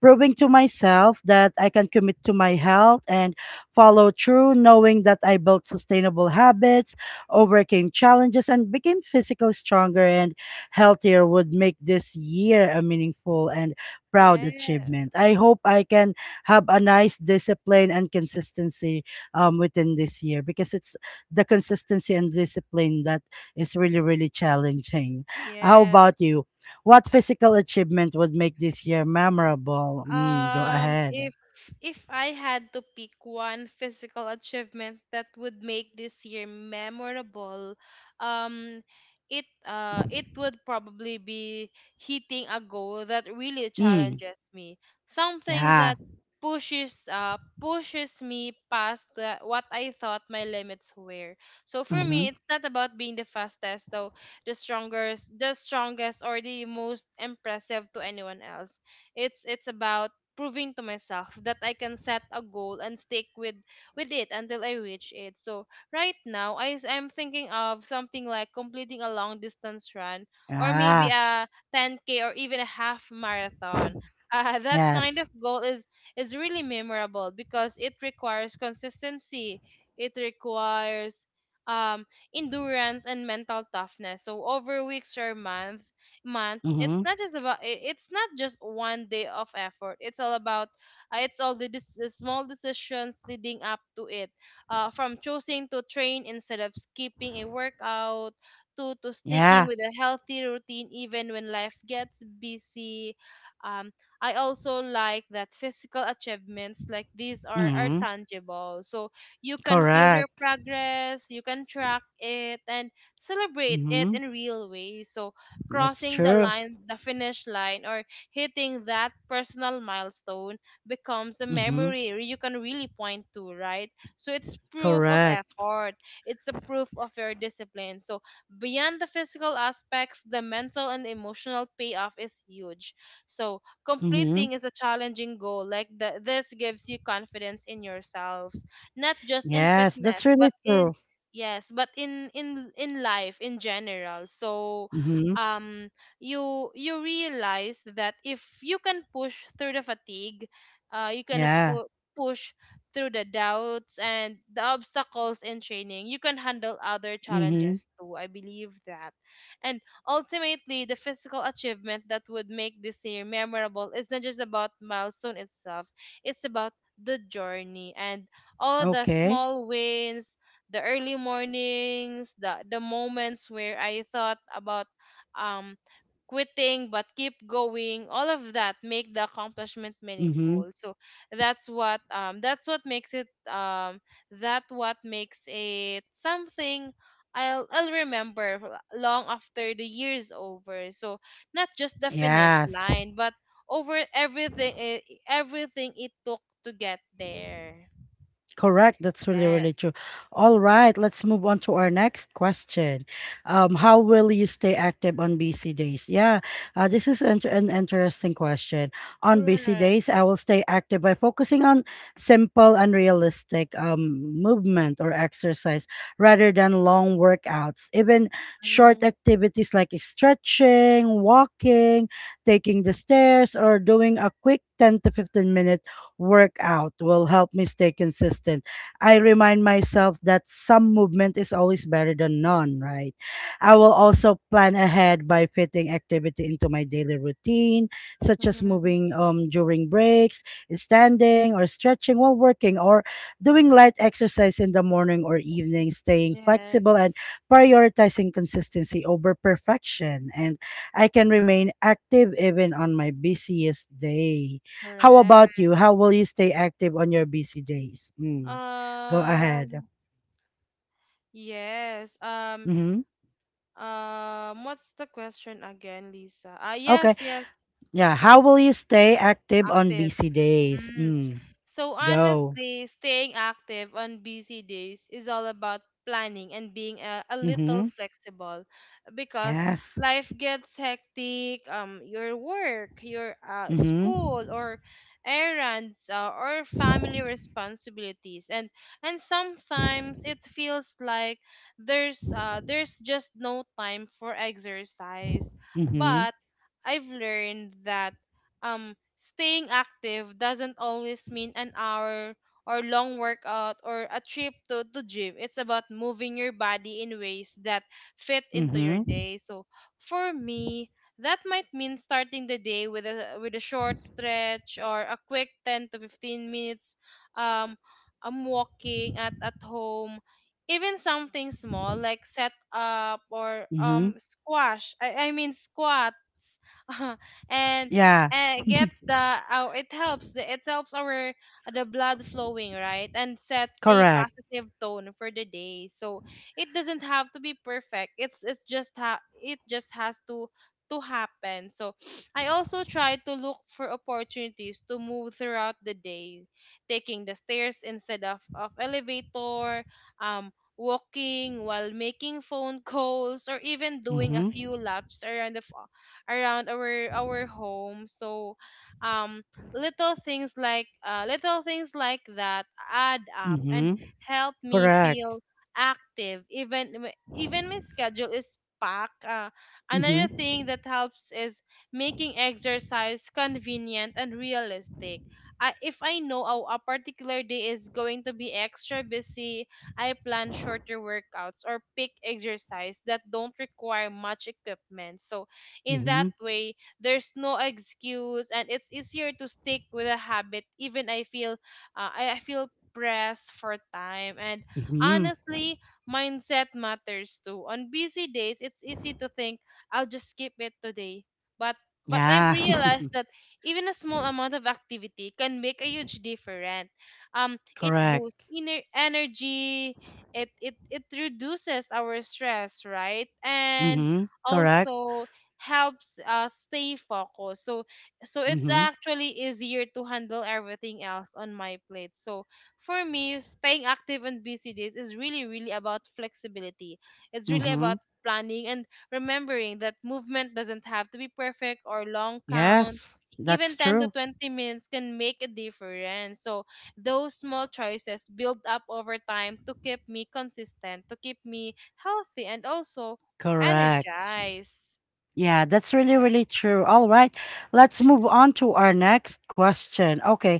S1: proving to myself that I can commit to my health and follow through, knowing that I built sustainable habits, overcame challenges, and became physically stronger and healthier would make this year a meaningful and proud achievement.
S2: Yes.
S1: I hope I can have a nice discipline and consistency within this year, because it's the consistency and discipline that is really, really challenging. How
S2: Yes.
S1: about you? What physical achievement would make this year memorable? Go ahead.
S2: If I had to pick one physical achievement that would make this year memorable, um, it would probably be hitting a goal that really
S1: Mm,
S2: challenges me. Something
S1: yeah.
S2: that pushes me past what I thought my limits were. So for
S1: Mm-hmm.
S2: me, it's not about being the fastest, though the strongest, or the most impressive to anyone else. It's about proving to myself that I can set a goal and stick with it until I reach it. So right now I'm thinking of something like completing a long distance run or maybe
S1: Ah.
S2: a 10k or even a half marathon. That kind of
S1: Yes.
S2: goal is really memorable because it requires consistency. It requires um endurance and mental toughness. So over weeks or months, it's
S1: Mm-hmm.
S2: not just about it's not just one day of effort, it's all about it's all the, the small decisions leading up to it, from choosing to train instead of skipping a workout, to
S1: Yeah.
S2: sticking with a healthy routine even when life gets busy. um, I also like that physical achievements like these are
S1: Mm-hmm.
S2: tangible, so you can feel
S1: Correct.
S2: your progress, you can track it and celebrate it
S1: Mm-hmm.
S2: in real ways. So
S1: That's
S2: crossing the
S1: true.
S2: line, the finish line, or hitting that personal milestone becomes a
S1: Mm-hmm.
S2: memory you can really point to, right? So it's proof of
S1: Correct.
S2: effort. It's a proof of your discipline. So beyond the physical aspects, the mental and emotional payoff is huge. So
S1: Mm-hmm.
S2: completing is a challenging goal. Like this gives you confidence in yourselves, not just in
S1: Yes, that's
S2: fitness,
S1: really
S2: but in
S1: true.
S2: yes, but in in life in general. So
S1: Mm-hmm.
S2: um you realize that if you can push through the fatigue, uh you can
S1: Yeah.
S2: fu- push through the doubts and the obstacles in training, you can handle other
S1: Mm-hmm.
S2: challenges too, I believe that. And ultimately, the physical achievement that would make this year memorable is not just about milestone itself, it's about the journey and all the
S1: Okay.
S2: small wins, the early mornings, the moments where I thought about um, quitting but keep going. All of that make the accomplishment
S1: Mm-hmm.
S2: meaningful. So that's what makes it that what makes it something I'll remember for long after the year's over. So not just the finish
S1: Yes.
S2: line, but over everything everything it took to get there.
S1: Correct. That's really, really
S2: Yes.
S1: true. All right, let's move on to our next question. How will you stay active on busy days? Yeah, this is an interesting question. On busy days,
S2: Correct.
S1: I will stay active by focusing on simple and realistic movement or exercise rather than long workouts. Even short
S2: Mm-hmm.
S1: activities like stretching, walking, taking the stairs, or doing a quick 10 to 15 minute workout will help me stay consistent. I remind myself that some movement is always better than none, right? I will also plan ahead by fitting activity into my daily routine, such as moving during breaks, standing or stretching while working, or doing light exercise in the morning or evening, staying flexible
S2: Yes.
S1: and prioritizing consistency over perfection. And I can remain active even on my busiest day. How about
S2: Correct.
S1: you? How will you stay active on your busy days? Go ahead.
S2: um Yes.
S1: Mm-hmm.
S2: What's the question again, Lisa? Ah,
S1: Okay.
S2: yes, yes,
S1: Yeah. How will you stay active on
S2: active.
S1: busy days?
S2: Mm. So
S1: Go.
S2: honestly, staying active on busy days is all about planning and being a little
S1: Mm-hmm.
S2: flexible, because
S1: Yes.
S2: life gets hectic. Your work, your
S1: Mm-hmm.
S2: school, or errands, or family responsibilities. And sometimes it feels like there's just no time for exercise.
S1: Mm-hmm.
S2: But I've learned that staying active doesn't always mean an hour or long workout or a trip to the gym. It's about moving your body in ways that fit into your
S1: Mm-hmm.
S2: day. So for me, that might mean starting the day with a short stretch or a quick 10 to 15 minutes. um I'm walking at home, even something small like set up or
S1: Mm-hmm.
S2: squash, I mean squats and
S1: Yeah.
S2: gets the, oh, it helps the it helps our the blood flowing, right, and sets a
S1: Correct.
S2: positive tone for the day. So it doesn't have to be perfect, it's just it just has to happen. So I also try to look for opportunities to move throughout the day, taking the stairs instead of elevator, um walking while making phone calls, or even doing a
S1: Mm-hmm.
S2: few laps around the around our home. So um little things little things like that add up and
S1: Mm-hmm.
S2: help me
S1: Correct.
S2: feel active even even my schedule is packed. Another thing
S1: Mm-hmm.
S2: that helps is making exercise convenient and realistic. If I know a particular day is going to be extra busy, I plan shorter workouts or pick exercise that don't require much equipment. So in that
S1: Mm-hmm.
S2: way, there's no excuse and it's easier to stick with a habit even I feel I feel pressed for time. And
S1: Mm-hmm.
S2: honestly, mindset matters too. On busy days, it's easy to think, "I'll just skip it today." But I've
S1: Yeah.
S2: realized that even a small amount of activity can make a huge difference. It boosts
S1: Correct.
S2: inner energy. It reduces our stress, right? And
S1: Mm-hmm. Correct.
S2: also helps us stay focused. So it's
S1: Mm-hmm.
S2: actually easier to handle everything else on my plate. So for me, staying active on busy days is really really about flexibility. It's really
S1: Mm-hmm.
S2: about planning and remembering that movement doesn't have to be perfect or long count.
S1: Yes,
S2: Even
S1: that's
S2: 10 to
S1: true.
S2: 20 minutes can make a difference. So those small choices build up over time to keep me consistent, to keep me healthy, and also
S1: Correct.
S2: energized.
S1: Yeah, that's really, really
S2: Yes.
S1: true. All right. Let's move on to our next question. Okay.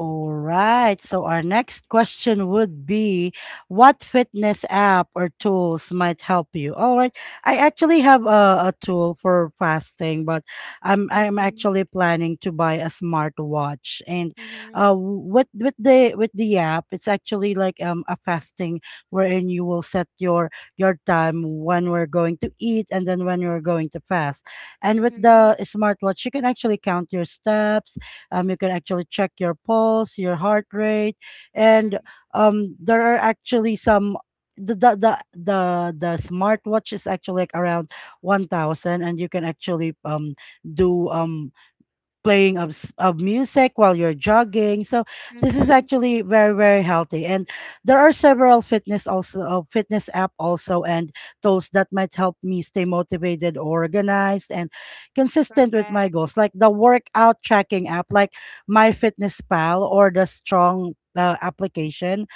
S1: All right. So our next question would be, what fitness app or tools might help you? All right. I actually have a tool for fasting, but I'm
S2: Mhm.
S1: actually planning to buy a smartwatch. And
S2: Mhm.
S1: with the app, it's actually like a fasting wherein you will set your time when we're going to eat, and then when you're going to fast. And with
S2: Mhm.
S1: the smartwatch, you can actually count your steps. You can actually check your pulse, your heart rate, and
S2: Mhm.
S1: there are actually some. The, the the the the smartwatch is actually like around 1000, and you can actually do playing of music while you're jogging. So this is
S2: Mhm.
S1: actually very, very healthy. And there are several fitness also, fitness app also, and tools that might help me stay motivated, organized, and consistent with my
S2: Correct.
S1: goals. Like the workout tracking app, like My Fitness Pal or the Strong application.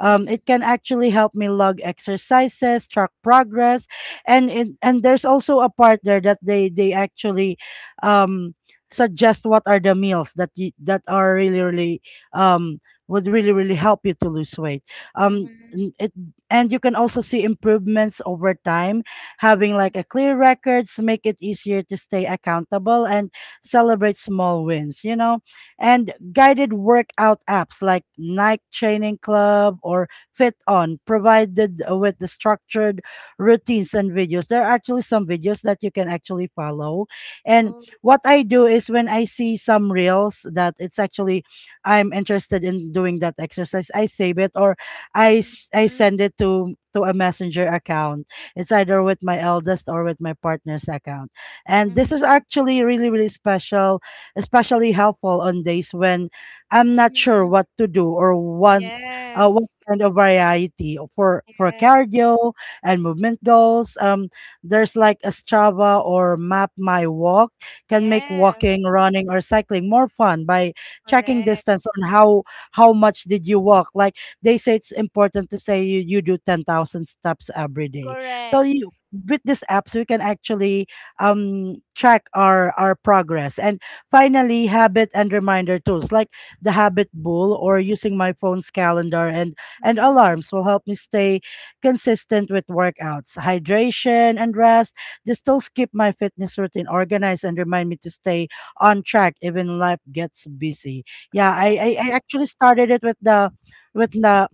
S2: Mhm.
S1: It can actually help me log exercises, track progress, and there's also a part there that they actually um, suggest what are the meals that that are really really um would really really help you to lose weight. um
S2: Mhm.
S1: n- it, and you can also see improvements over time, having like
S2: Mhm.
S1: a clear records make it easier to stay accountable and celebrate small wins, and guided workout apps like Nike Training Club or Fit On provided with the structured routines and videos. There are actually some videos that you can actually follow. And
S2: Oh.
S1: what I do is when I see some reels that it's actually I'm interested in doing that exercise, I save it, or I
S2: Mhm.
S1: send it to a messenger account. It's either with my eldest or with my partner's account. And this is
S2: Mhm.
S1: actually really really special, especially helpful on days when I'm not sure
S2: Mhm.
S1: what to do or want, what
S2: Yes.
S1: kind of variety for
S2: Yes.
S1: cardio and movement goals. There's like a Strava or Map My Walk can make
S2: Yes.
S1: walking, running, or cycling more fun by tracking
S2: Correct.
S1: distance on how much did you walk. Like they say, it's important to say you do 10,000 steps every day. So
S2: Correct.
S1: you, with these apps, we can actually track our progress. And finally, habit and reminder tools like the Habit Bull or using my phone's calendar and
S2: Mhm.
S1: alarms will help me stay consistent with workouts, hydration, and rest. They still keep my fitness routine organized and remind me to stay on track even when life gets busy. Yeah, I
S2: Correct.
S1: actually started it with the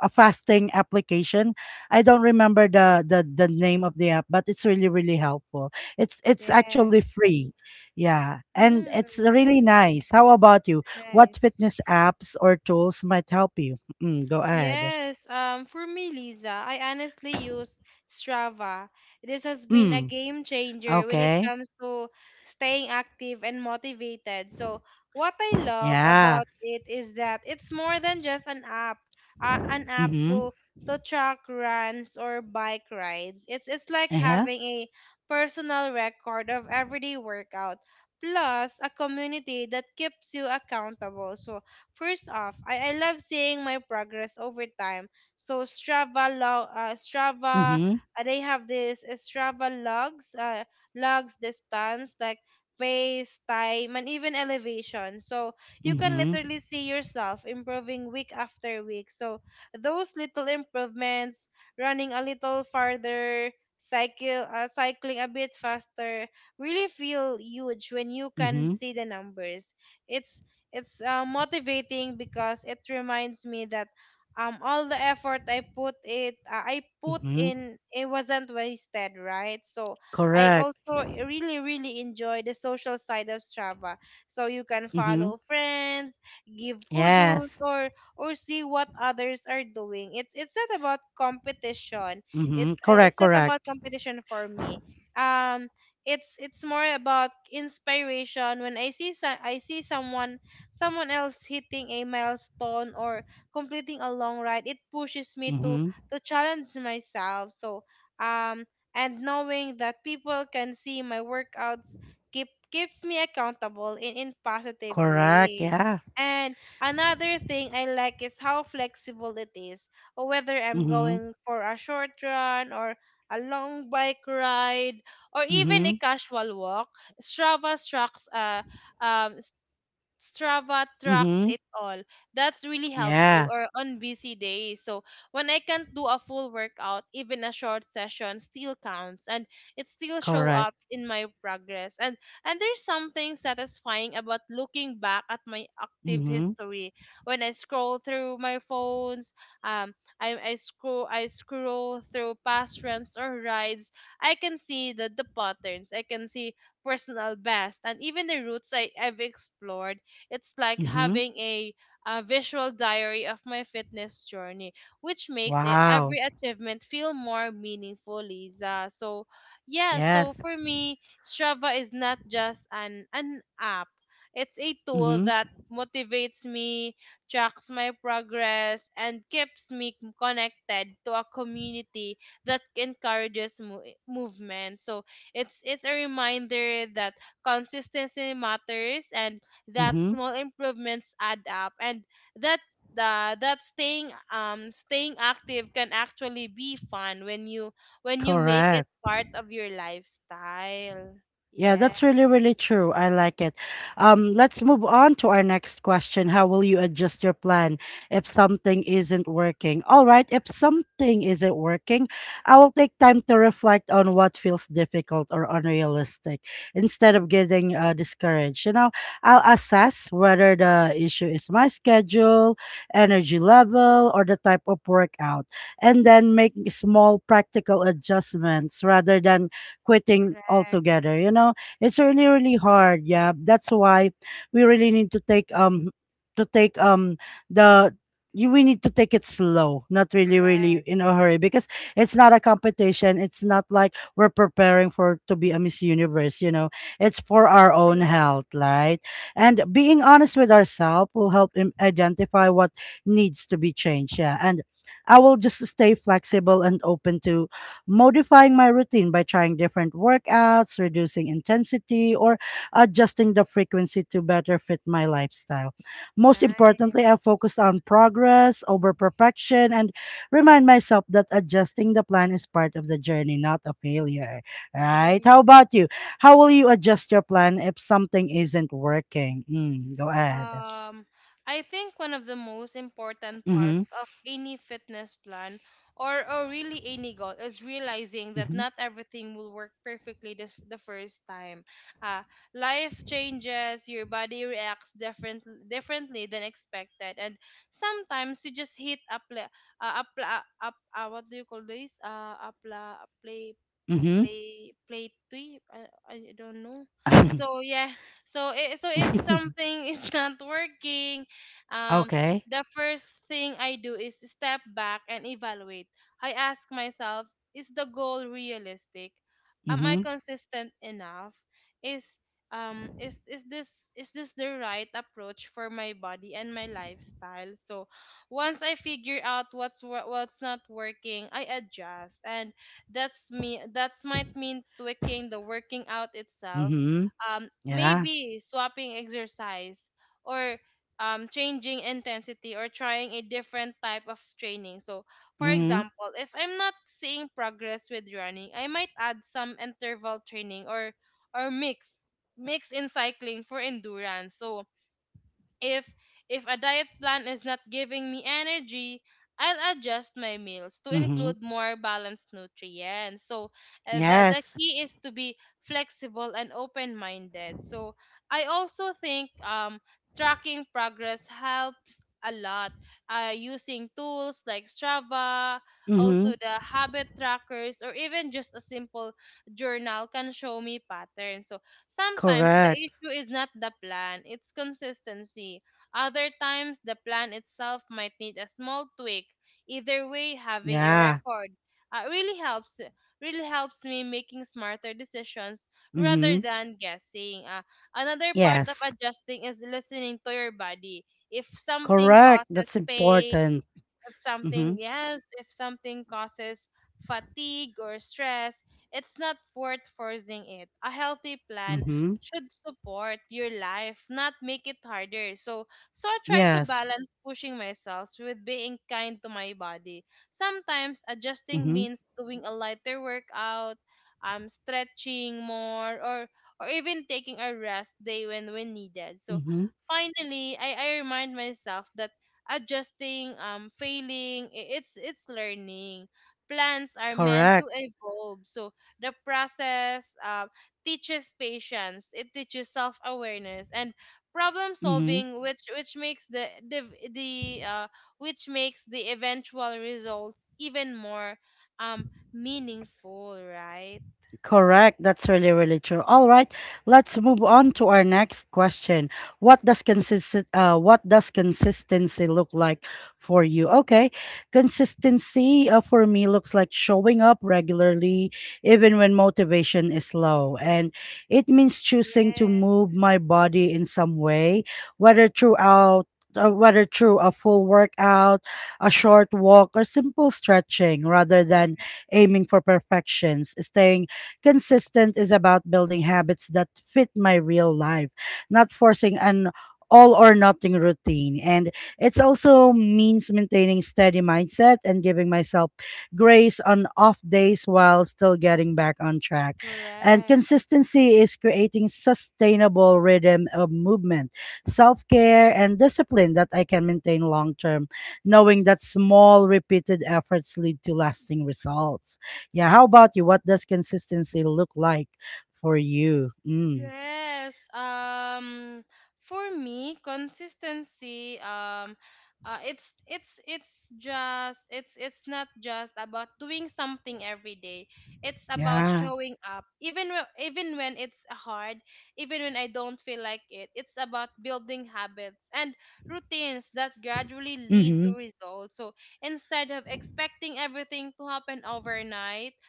S1: a fasting application. I don't remember the name of the app, but it's really really helpful. It's actually
S2: Yes.
S1: free. Yeah, and it's
S2: Mm.
S1: really nice. How about you? What
S2: Nice.
S1: fitness apps or tools might help you? Go ahead.
S2: Yes, for me, Lisa, I honestly use Strava. This has been a
S1: Mm,
S2: game changer when it
S1: okay.
S2: comes to staying active and motivated. So what I love
S1: Yeah.
S2: about it is that it's more than just an app, an app
S1: Mm-hmm.
S2: to track runs or bike rides. It's like
S1: Yeah.
S2: having a personal record of everyday workout, plus a community that keeps you accountable. So first off, I love seeing my progress over time. So
S1: Mm-hmm.
S2: they have this Strava logs, logs distance, like pace, time, and even elevation. So you can
S1: Mm-hmm.
S2: literally see yourself improving week after week. So those little improvements, running a little farther, cycling a bit faster, really feel huge when you can
S1: Mhm,
S2: see the numbers. It's motivating because it reminds me that all the effort I put
S1: mhm.
S2: in it wasn't wasted, right? So I
S1: Correct.
S2: also really really enjoy the social side of Strava. So you can
S1: Mhm.
S2: follow friends, give kudos,
S1: Yes.
S2: or see what others are doing. It's not about competition.
S1: Mhm.
S2: It's uh,
S1: Correct,
S2: it's not about
S1: correct.
S2: competition for me. Um it's more about inspiration. When I see some I see someone else hitting a milestone or completing a long ride, it pushes me to
S1: Mhm.
S2: challenge myself. So um and knowing that people can see my workouts keeps me accountable in positive
S1: Correct,
S2: way.
S1: yeah.
S2: And another thing I like is how flexible it is. Whether I'm
S1: Mhm.
S2: going for a short run or a long bike ride or even a
S1: Mhm.
S2: casual walk, Strava tracks uh um Strava tracks
S1: Mhm.
S2: it all. That's really helpful
S1: Yeah.
S2: or on busy days. So when I can't do a full workout, even a short session still counts and it still show
S1: Correct.
S2: up in my progress. And there's something satisfying about looking back at my active
S1: Mhm.
S2: history. When I scroll through my phones, um I scroll through past runs or rides, I can see the patterns. I can see personal best and even the routes I've explored. It's like
S1: Mhm.
S2: having a visual diary of my fitness journey, which makes it,
S1: Wow.
S2: every achievement feel more meaningful, Lisa. So yeah, so
S1: Yes.
S2: for me, Strava is not just an app, it's a tool
S1: Mhm.
S2: that motivates me, tracks my progress, and keeps me connected to a community that encourages movement. So it's a reminder that consistency matters, and that
S1: Mhm.
S2: small improvements add up, and that the that staying staying active can actually be fun when you make it
S1: Correct.
S2: part of your lifestyle.
S1: Yeah,
S2: Yeah.
S1: that's really, really true. I like it. Let's move on to our next question. How will you adjust your plan if something isn't working? All right, if something isn't working, I will take time to reflect on what feels difficult or unrealistic instead of getting discouraged. I'll assess whether the issue is my schedule, energy level, or the type of workout, and then make small practical adjustments rather than quitting
S2: Correct.
S1: altogether. It's really really hard. Yeah, that's why we really need to take the you we need to take it slow, not really really
S2: Correct.
S1: in a hurry, because it's not a competition. It's not like we're preparing for to be a Miss Universe. It's for our own health, right? And being honest with ourselves will help him identify what needs to be changed. Yeah, and I will just stay flexible and open to modifying my routine by trying different workouts, reducing intensity, or adjusting the frequency to better fit my lifestyle. Most
S2: Nice.
S1: importantly, I focused on progress over perfection and remind myself that adjusting the plan is part of the journey, not a failure. Right? How
S2: Nice.
S1: about you? How will you adjust your plan if something isn't working? Go ahead.
S2: Um, I think one of the most important
S1: Mm-hmm.
S2: parts of any fitness plan or really any goal is realizing that not everything will work perfectly this, the first time. Uh, Life changes, your body reacts differently than expected, and sometimes you just hit a play, a, pla- a, what do you call this? A, pla, a play,
S1: Mm-hmm.
S2: play play three I don't know.
S1: Mm-hmm.
S2: So yeah, so I so if something is not working, um
S1: Okay.
S2: the first thing I do is step back and evaluate. I ask myself, is the goal realistic? Am I
S1: Mm-hmm.
S2: consistent enough? Is this the right approach for my body and my lifestyle? So once I figure out what's not working, I adjust, and that's me. That might mean tweaking the working out itself,
S1: Mm-hmm. Yeah.
S2: maybe swapping exercise or changing intensity or trying a different type of training. So for
S1: Mm-hmm.
S2: example, if I'm not seeing progress with running, I might add some interval training or or mix mix in cycling for endurance. So if if a diet plan is not giving me energy, I'll adjust my meals to
S1: Mm-hmm.
S2: include more balanced nutrients. So the
S1: Yes.
S2: key is to be flexible and open-minded. So I also think tracking progress helps a lot, using tools like Strava, also
S1: Mhm.
S2: the habit trackers, or even just a simple journal can show me patterns. So sometimes the
S1: Correct.
S2: issue is not the plan, it's consistency. Other times the plan itself might need a small tweak. Either way, having a
S1: Yeah.
S2: record uh, really helps really helps me making smarter decisions rather
S1: Mhm.
S2: than guessing. Another part of
S1: Yes.
S2: adjusting is listening to your body. If something
S1: Correct.
S2: causes
S1: That's
S2: pain,
S1: important. Mhm.
S2: if something causes fatigue or stress, it's not worth forcing it. A healthy plan
S1: Mhm.
S2: should support your life, not make it harder. So I try to
S1: Yes.
S2: balance pushing myself with being kind to my body. Sometimes adjusting
S1: Mhm.
S2: means doing a lighter workout, stretching more, or even taking a rest day when needed. So
S1: Mhm.
S2: finally, I remind myself that adjusting, failing. It's learning. Plans are meant to
S1: Correct.
S2: evolve. So the process teaches patience. It teaches self awareness and problem
S1: Mhm.
S2: solving, which makes the which makes the eventual results even more um meaningful. Right?
S1: Correct. That's really, really true. All right. Let's move on to our next question. What does consistency look like for you? Okay. Consistency for me looks like showing up regularly even when motivation is low. And it means choosing to
S2: Yes,
S1: move my body in some way, whether throughout whether through a full workout, a short walk, or simple stretching, rather than aiming for perfections, staying consistent is about building habits that fit my real life, not forcing an all or nothing routine. And it's also means maintaining steady mindset and giving myself grace on off days while still getting back on track. And
S2: correct.
S1: consistency is creating sustainable rhythm of movement, self-care and discipline that I can maintain long term, knowing that small repeated efforts lead to lasting results. Yeah, how about you? What does consistency look like for you? Mm,
S2: Yes. For me, consistency. It's not just about doing something every day. It's about
S1: yeah.
S2: showing up, even when it's hard, even when I don't feel like it. It's about building habits and routines that gradually lead to
S1: Mhm.
S2: results. So instead of expecting everything to happen overnight,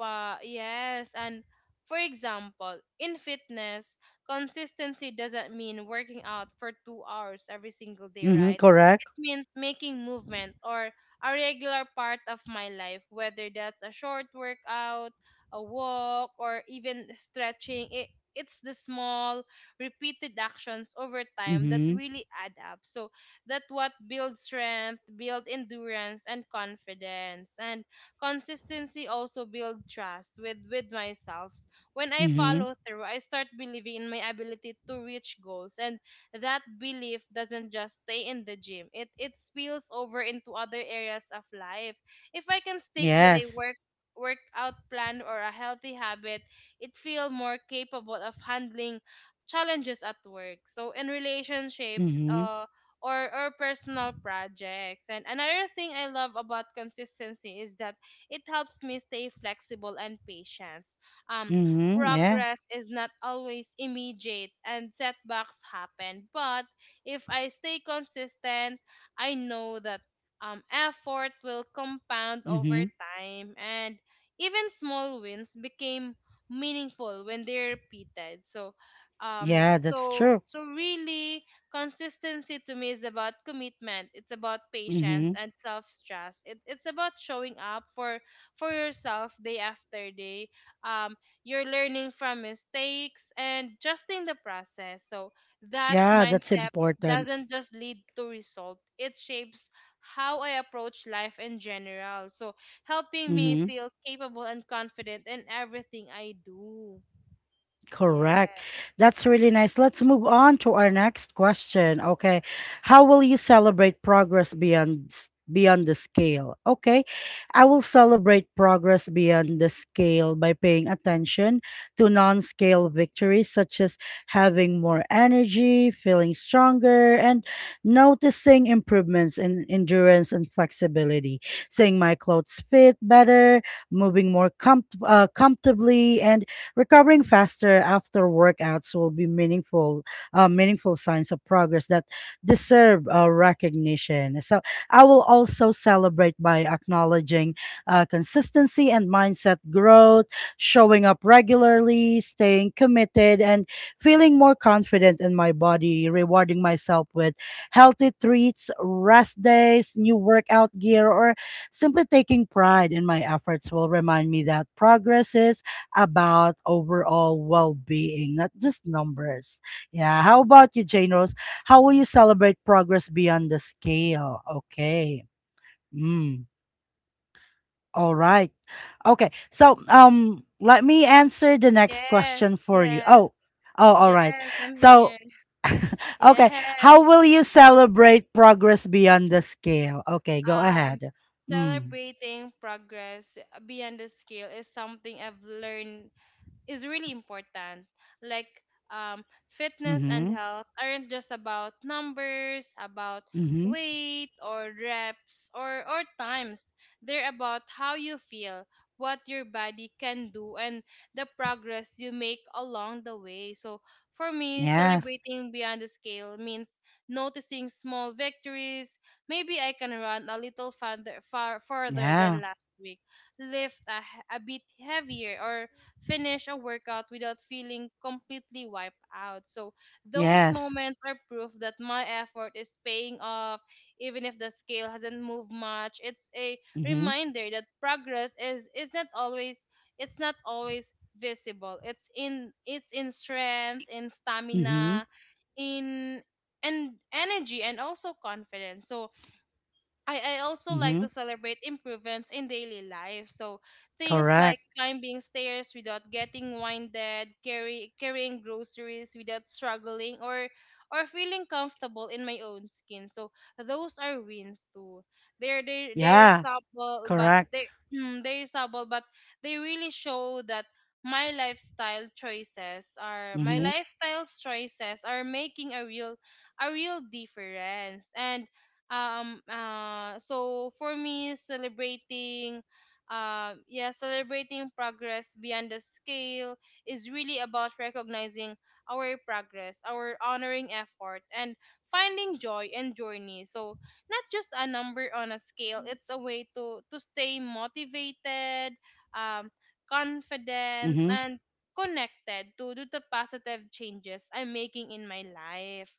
S2: yes. And for example, in fitness, consistency doesn't mean working out for 2 hours every single day,
S1: Mhm.
S2: right?
S1: Correct.
S2: Means making movement or a regular part of my life, whether that's a short workout, a walk, or even stretching. It's the small, repeated actions over time that
S1: Mhm.
S2: really add up. So that what builds strength, build endurance and confidence. And consistency also build trust with, myself. When I
S1: Mhm.
S2: follow through, I start believing in my ability to reach goals, and that belief doesn't just stay in the gym. It spills over into other areas of life. If I can stick with a
S1: Yes.
S2: workout plan or a healthy habit, it feel more capable of handling challenges at work. So in relationships,
S1: Mhm.
S2: or, personal projects. And another thing I love about consistency is that it helps me stay flexible and patient. Um,
S1: Mhm. Yeah.
S2: Progress is not always immediate and setbacks happen. But if I stay consistent, I know that, effort will compound over
S1: Mhm.
S2: time, and even small wins became meaningful when they're repeated. So
S1: Yeah, that's true.
S2: really, consistency to me is about commitment. It's about patience
S1: Mhm.
S2: and self trust. It's about showing up for yourself day after day, um you're learning from mistakes and just in the process. So that
S1: Yeah, that's
S2: mindset
S1: important.
S2: doesn't just lead to result, it shapes how I approach life in general, so helping me
S1: Mhm.
S2: feel capable and confident in everything I do. Yeah.
S1: Correct. That's really nice. Let's move on to our next question. Okay. How will you celebrate progress beyond s- beyond the scale? Okay. I will celebrate progress beyond the scale by paying attention to non-scale victories such as having more energy, feeling stronger, and noticing improvements in endurance and flexibility, seeing my clothes fit better, comfortably, and recovering faster after workouts will be meaningful, meaningful signs of progress that deserve recognition. So I will also celebrate by acknowledging consistency and mindset growth, showing up regularly, staying committed, and feeling more confident in my body, rewarding myself with healthy treats, rest days, new workout gear, or simply taking pride in my efforts will remind me that progress is about overall well-being, not just numbers. Yeah. How about you, Jane Rose? How will you celebrate progress beyond the scale? Okay. Mm. All right. Okay. So, let me answer the next question for you.
S2: Yes
S1: Oh, oh, all right.
S2: Yes, I'm
S1: So,
S2: here.
S1: okay.
S2: Yes.
S1: How will you celebrate progress beyond the scale? Okay, go
S2: um
S1: ahead. Mm.
S2: Celebrating progress beyond the scale is something I've learned is really important. Like, fitness and
S1: Mm-hmm.
S2: health aren't just about numbers, about
S1: Mm-hmm.
S2: weight or reps or times. They're about how you feel, what your body can do, and the progress you make along the way. So for me,
S1: Yes.
S2: celebrating beyond the scale means noticing small victories. Maybe I can run a little farther, far further
S1: Yeah.
S2: than last week, a bit heavier, or finish a workout without feeling completely wiped out. So those
S1: Yes.
S2: moments are proof that my effort is paying off, even if the scale hasn't moved much. It's a
S1: Mm-hmm.
S2: reminder that progress is not always, it's not always visible. It's in strength, in
S1: Mm-hmm.
S2: stamina, in and energy, and also confidence. So I also like to
S1: Mhm.
S2: celebrate improvements in daily life. So things like
S1: Correct.
S2: climbing stairs without getting winded, carrying groceries without struggling, or feeling comfortable in my own skin. So those are wins too. They're they they're
S1: Yeah.
S2: subtle, but
S1: Correct.
S2: they mm, they're subtle, but they really show that my
S1: Mhm.
S2: lifestyle choices are making a real difference. And for me, celebrating, yeah celebrating progress beyond the scale is really about recognizing our progress, our honoring effort, and finding joy and journey. So not just a number on a scale, it's a way to stay motivated, um confident,
S1: Mhm.
S2: and connected to, the positive changes I'm making in my life.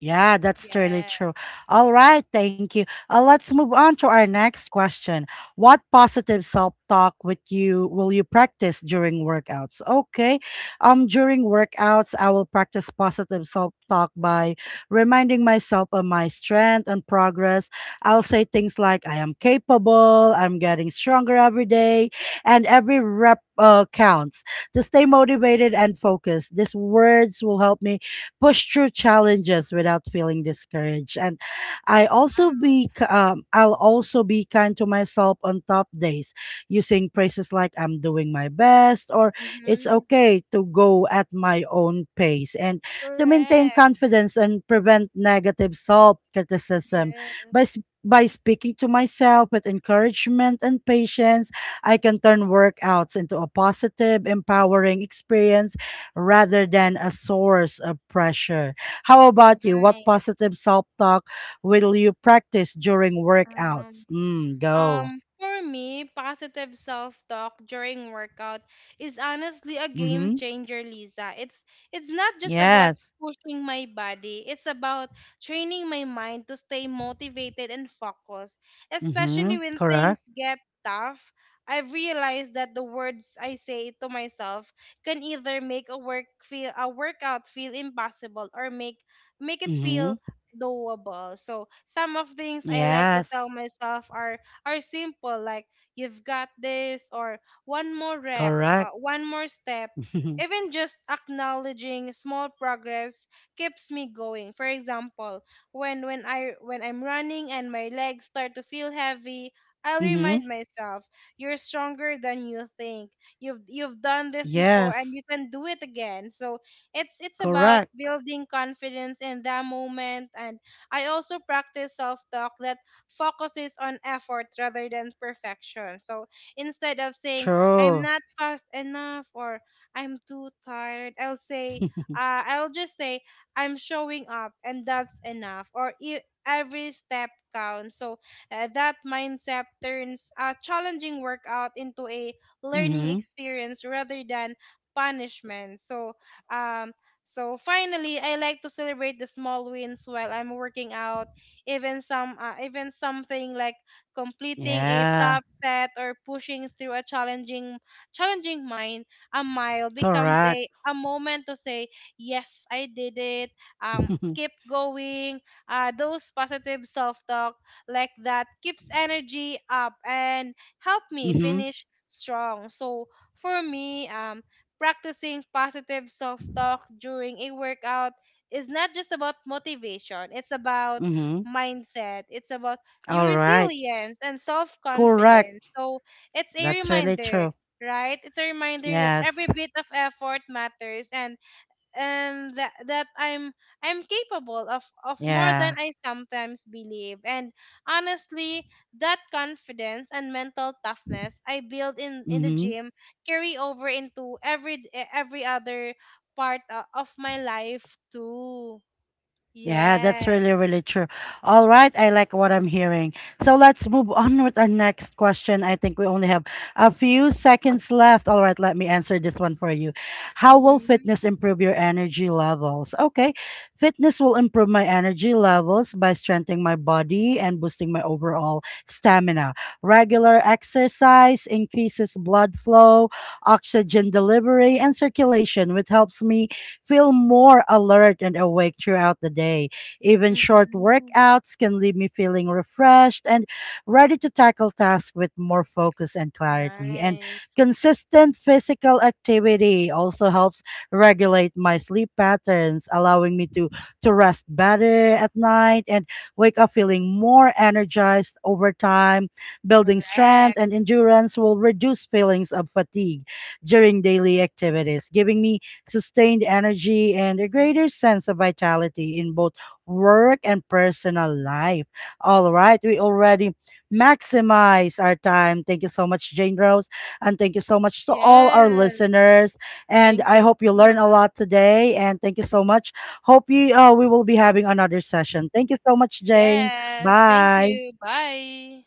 S1: Yeah, that's totally true.
S2: Yes.
S1: All right, thank you. Let's move on to our next question. What positive self-talk with you will you practice during workouts? Okay. During workouts, I will practice positive self-talk by reminding myself of my strength and progress. I'll say things like I am capable, I'm getting stronger every day, and every rep counts. To stay motivated and focused, these words will help me push through challenges without feeling discouraged. And
S2: Wow.
S1: I'll also be kind to myself on top days, using phrases like "I'm doing my best" or "It's
S2: Mm-hmm.
S1: okay to go at my own pace," and to maintain
S2: Correct.
S1: confidence and prevent negative self criticism by. s-
S2: Yes.
S1: by speaking to myself with encouragement and patience, I can turn workouts into a positive, empowering experience rather than a source of pressure. How about you? What
S2: Nice.
S1: positive self talk will you practice during workouts?
S2: Um,
S1: Mm, go.
S2: For me, positive self-talk during workout is honestly a game
S1: Mm-hmm.
S2: changer, Lisa. It's not just about
S1: Yes.
S2: pushing my body. It's about training my mind to stay motivated and focused,
S1: Mm-hmm.
S2: especially when
S1: Correct.
S2: things get tough. I've realized that the words I say to myself can either make a work feel a workout feel impossible, or make it
S1: Mm-hmm.
S2: feel doable. So some of things I like to
S1: Yes.
S2: tell myself are simple, like you've got this, or one more rep,
S1: Correct.
S2: one more step. Even just acknowledging small progress keeps me going. For example, when I'm running and my legs start to feel heavy, I'll
S1: mm-hmm.
S2: remind myself, you're stronger than you think. You've done this before
S1: Yes.
S2: and you can do it again. So it's
S1: Correct.
S2: about building confidence in that moment. And I also practice self-talk that focuses on effort rather than perfection. So instead of saying, I'm
S1: True.
S2: not fast enough, or I'm too tired, I'll say, I'll just say, I'm showing up and that's enough. Every step counts. So that mindset turns a challenging workout into a learning
S1: mm-hmm.
S2: experience rather than punishment. So, um, finally, I like to celebrate the small wins while I'm working out, even something like completing a
S1: Yeah.
S2: top set or pushing through a challenging mine a mile becomes
S1: Correct.
S2: a moment to say, yes, I did it,
S1: mm-hmm.
S2: keep going. Those positive self-talk like that keeps energy up and help me finish strong. So for me, practicing positive self-talk during a workout is not just about motivation, it's about
S1: Mm-hmm.
S2: mindset. It's about your
S1: All right.
S2: resilience and self
S1: Correct.
S2: confidence. So it's a
S1: That's really
S2: reminder,
S1: true.
S2: right? It's a reminder that every
S1: Yes.
S2: bit of effort matters, and that, I'm capable of, more than
S1: Yeah.
S2: I sometimes believe. And honestly, that confidence and mental toughness I build in, the
S1: Mm-hmm.
S2: gym carry over into every every other of my life too.
S1: Yeah, that's
S2: Yes.
S1: really, really true. All right, I like what I'm hearing. So let's move on with our next question. I think we only have a few seconds left. All right, let me answer this one for you. How will
S2: Hmm.
S1: fitness improve your energy levels? Okay, fitness will improve my energy levels by strengthening my body and boosting my overall stamina. Regular exercise increases blood flow, oxygen delivery, and circulation, which helps me feel more alert and awake throughout the day. Even short
S2: Mhm.
S1: workouts can leave me feeling refreshed and ready to tackle tasks with more focus and clarity. And
S2: Nice.
S1: consistent physical activity also helps regulate my sleep patterns, allowing me to rest better at night and wake up feeling more energized over time. Building
S2: Correct.
S1: strength and endurance will reduce feelings of fatigue during daily activities, giving me sustained energy, and a greater sense of vitality in both work and personal life. All right, we already maximize our time. Thank you so much, Jane Rose, and thank you so much to all our
S2: Yes.
S1: listeners. And
S2: Thank
S1: I
S2: you
S1: hope
S2: so
S1: you learn a
S2: much.
S1: lot today. And thank you so much. Hope you we will be having another session. Thank you so much, Jane.
S2: Yes. Thank
S1: Bye.
S2: you. Bye.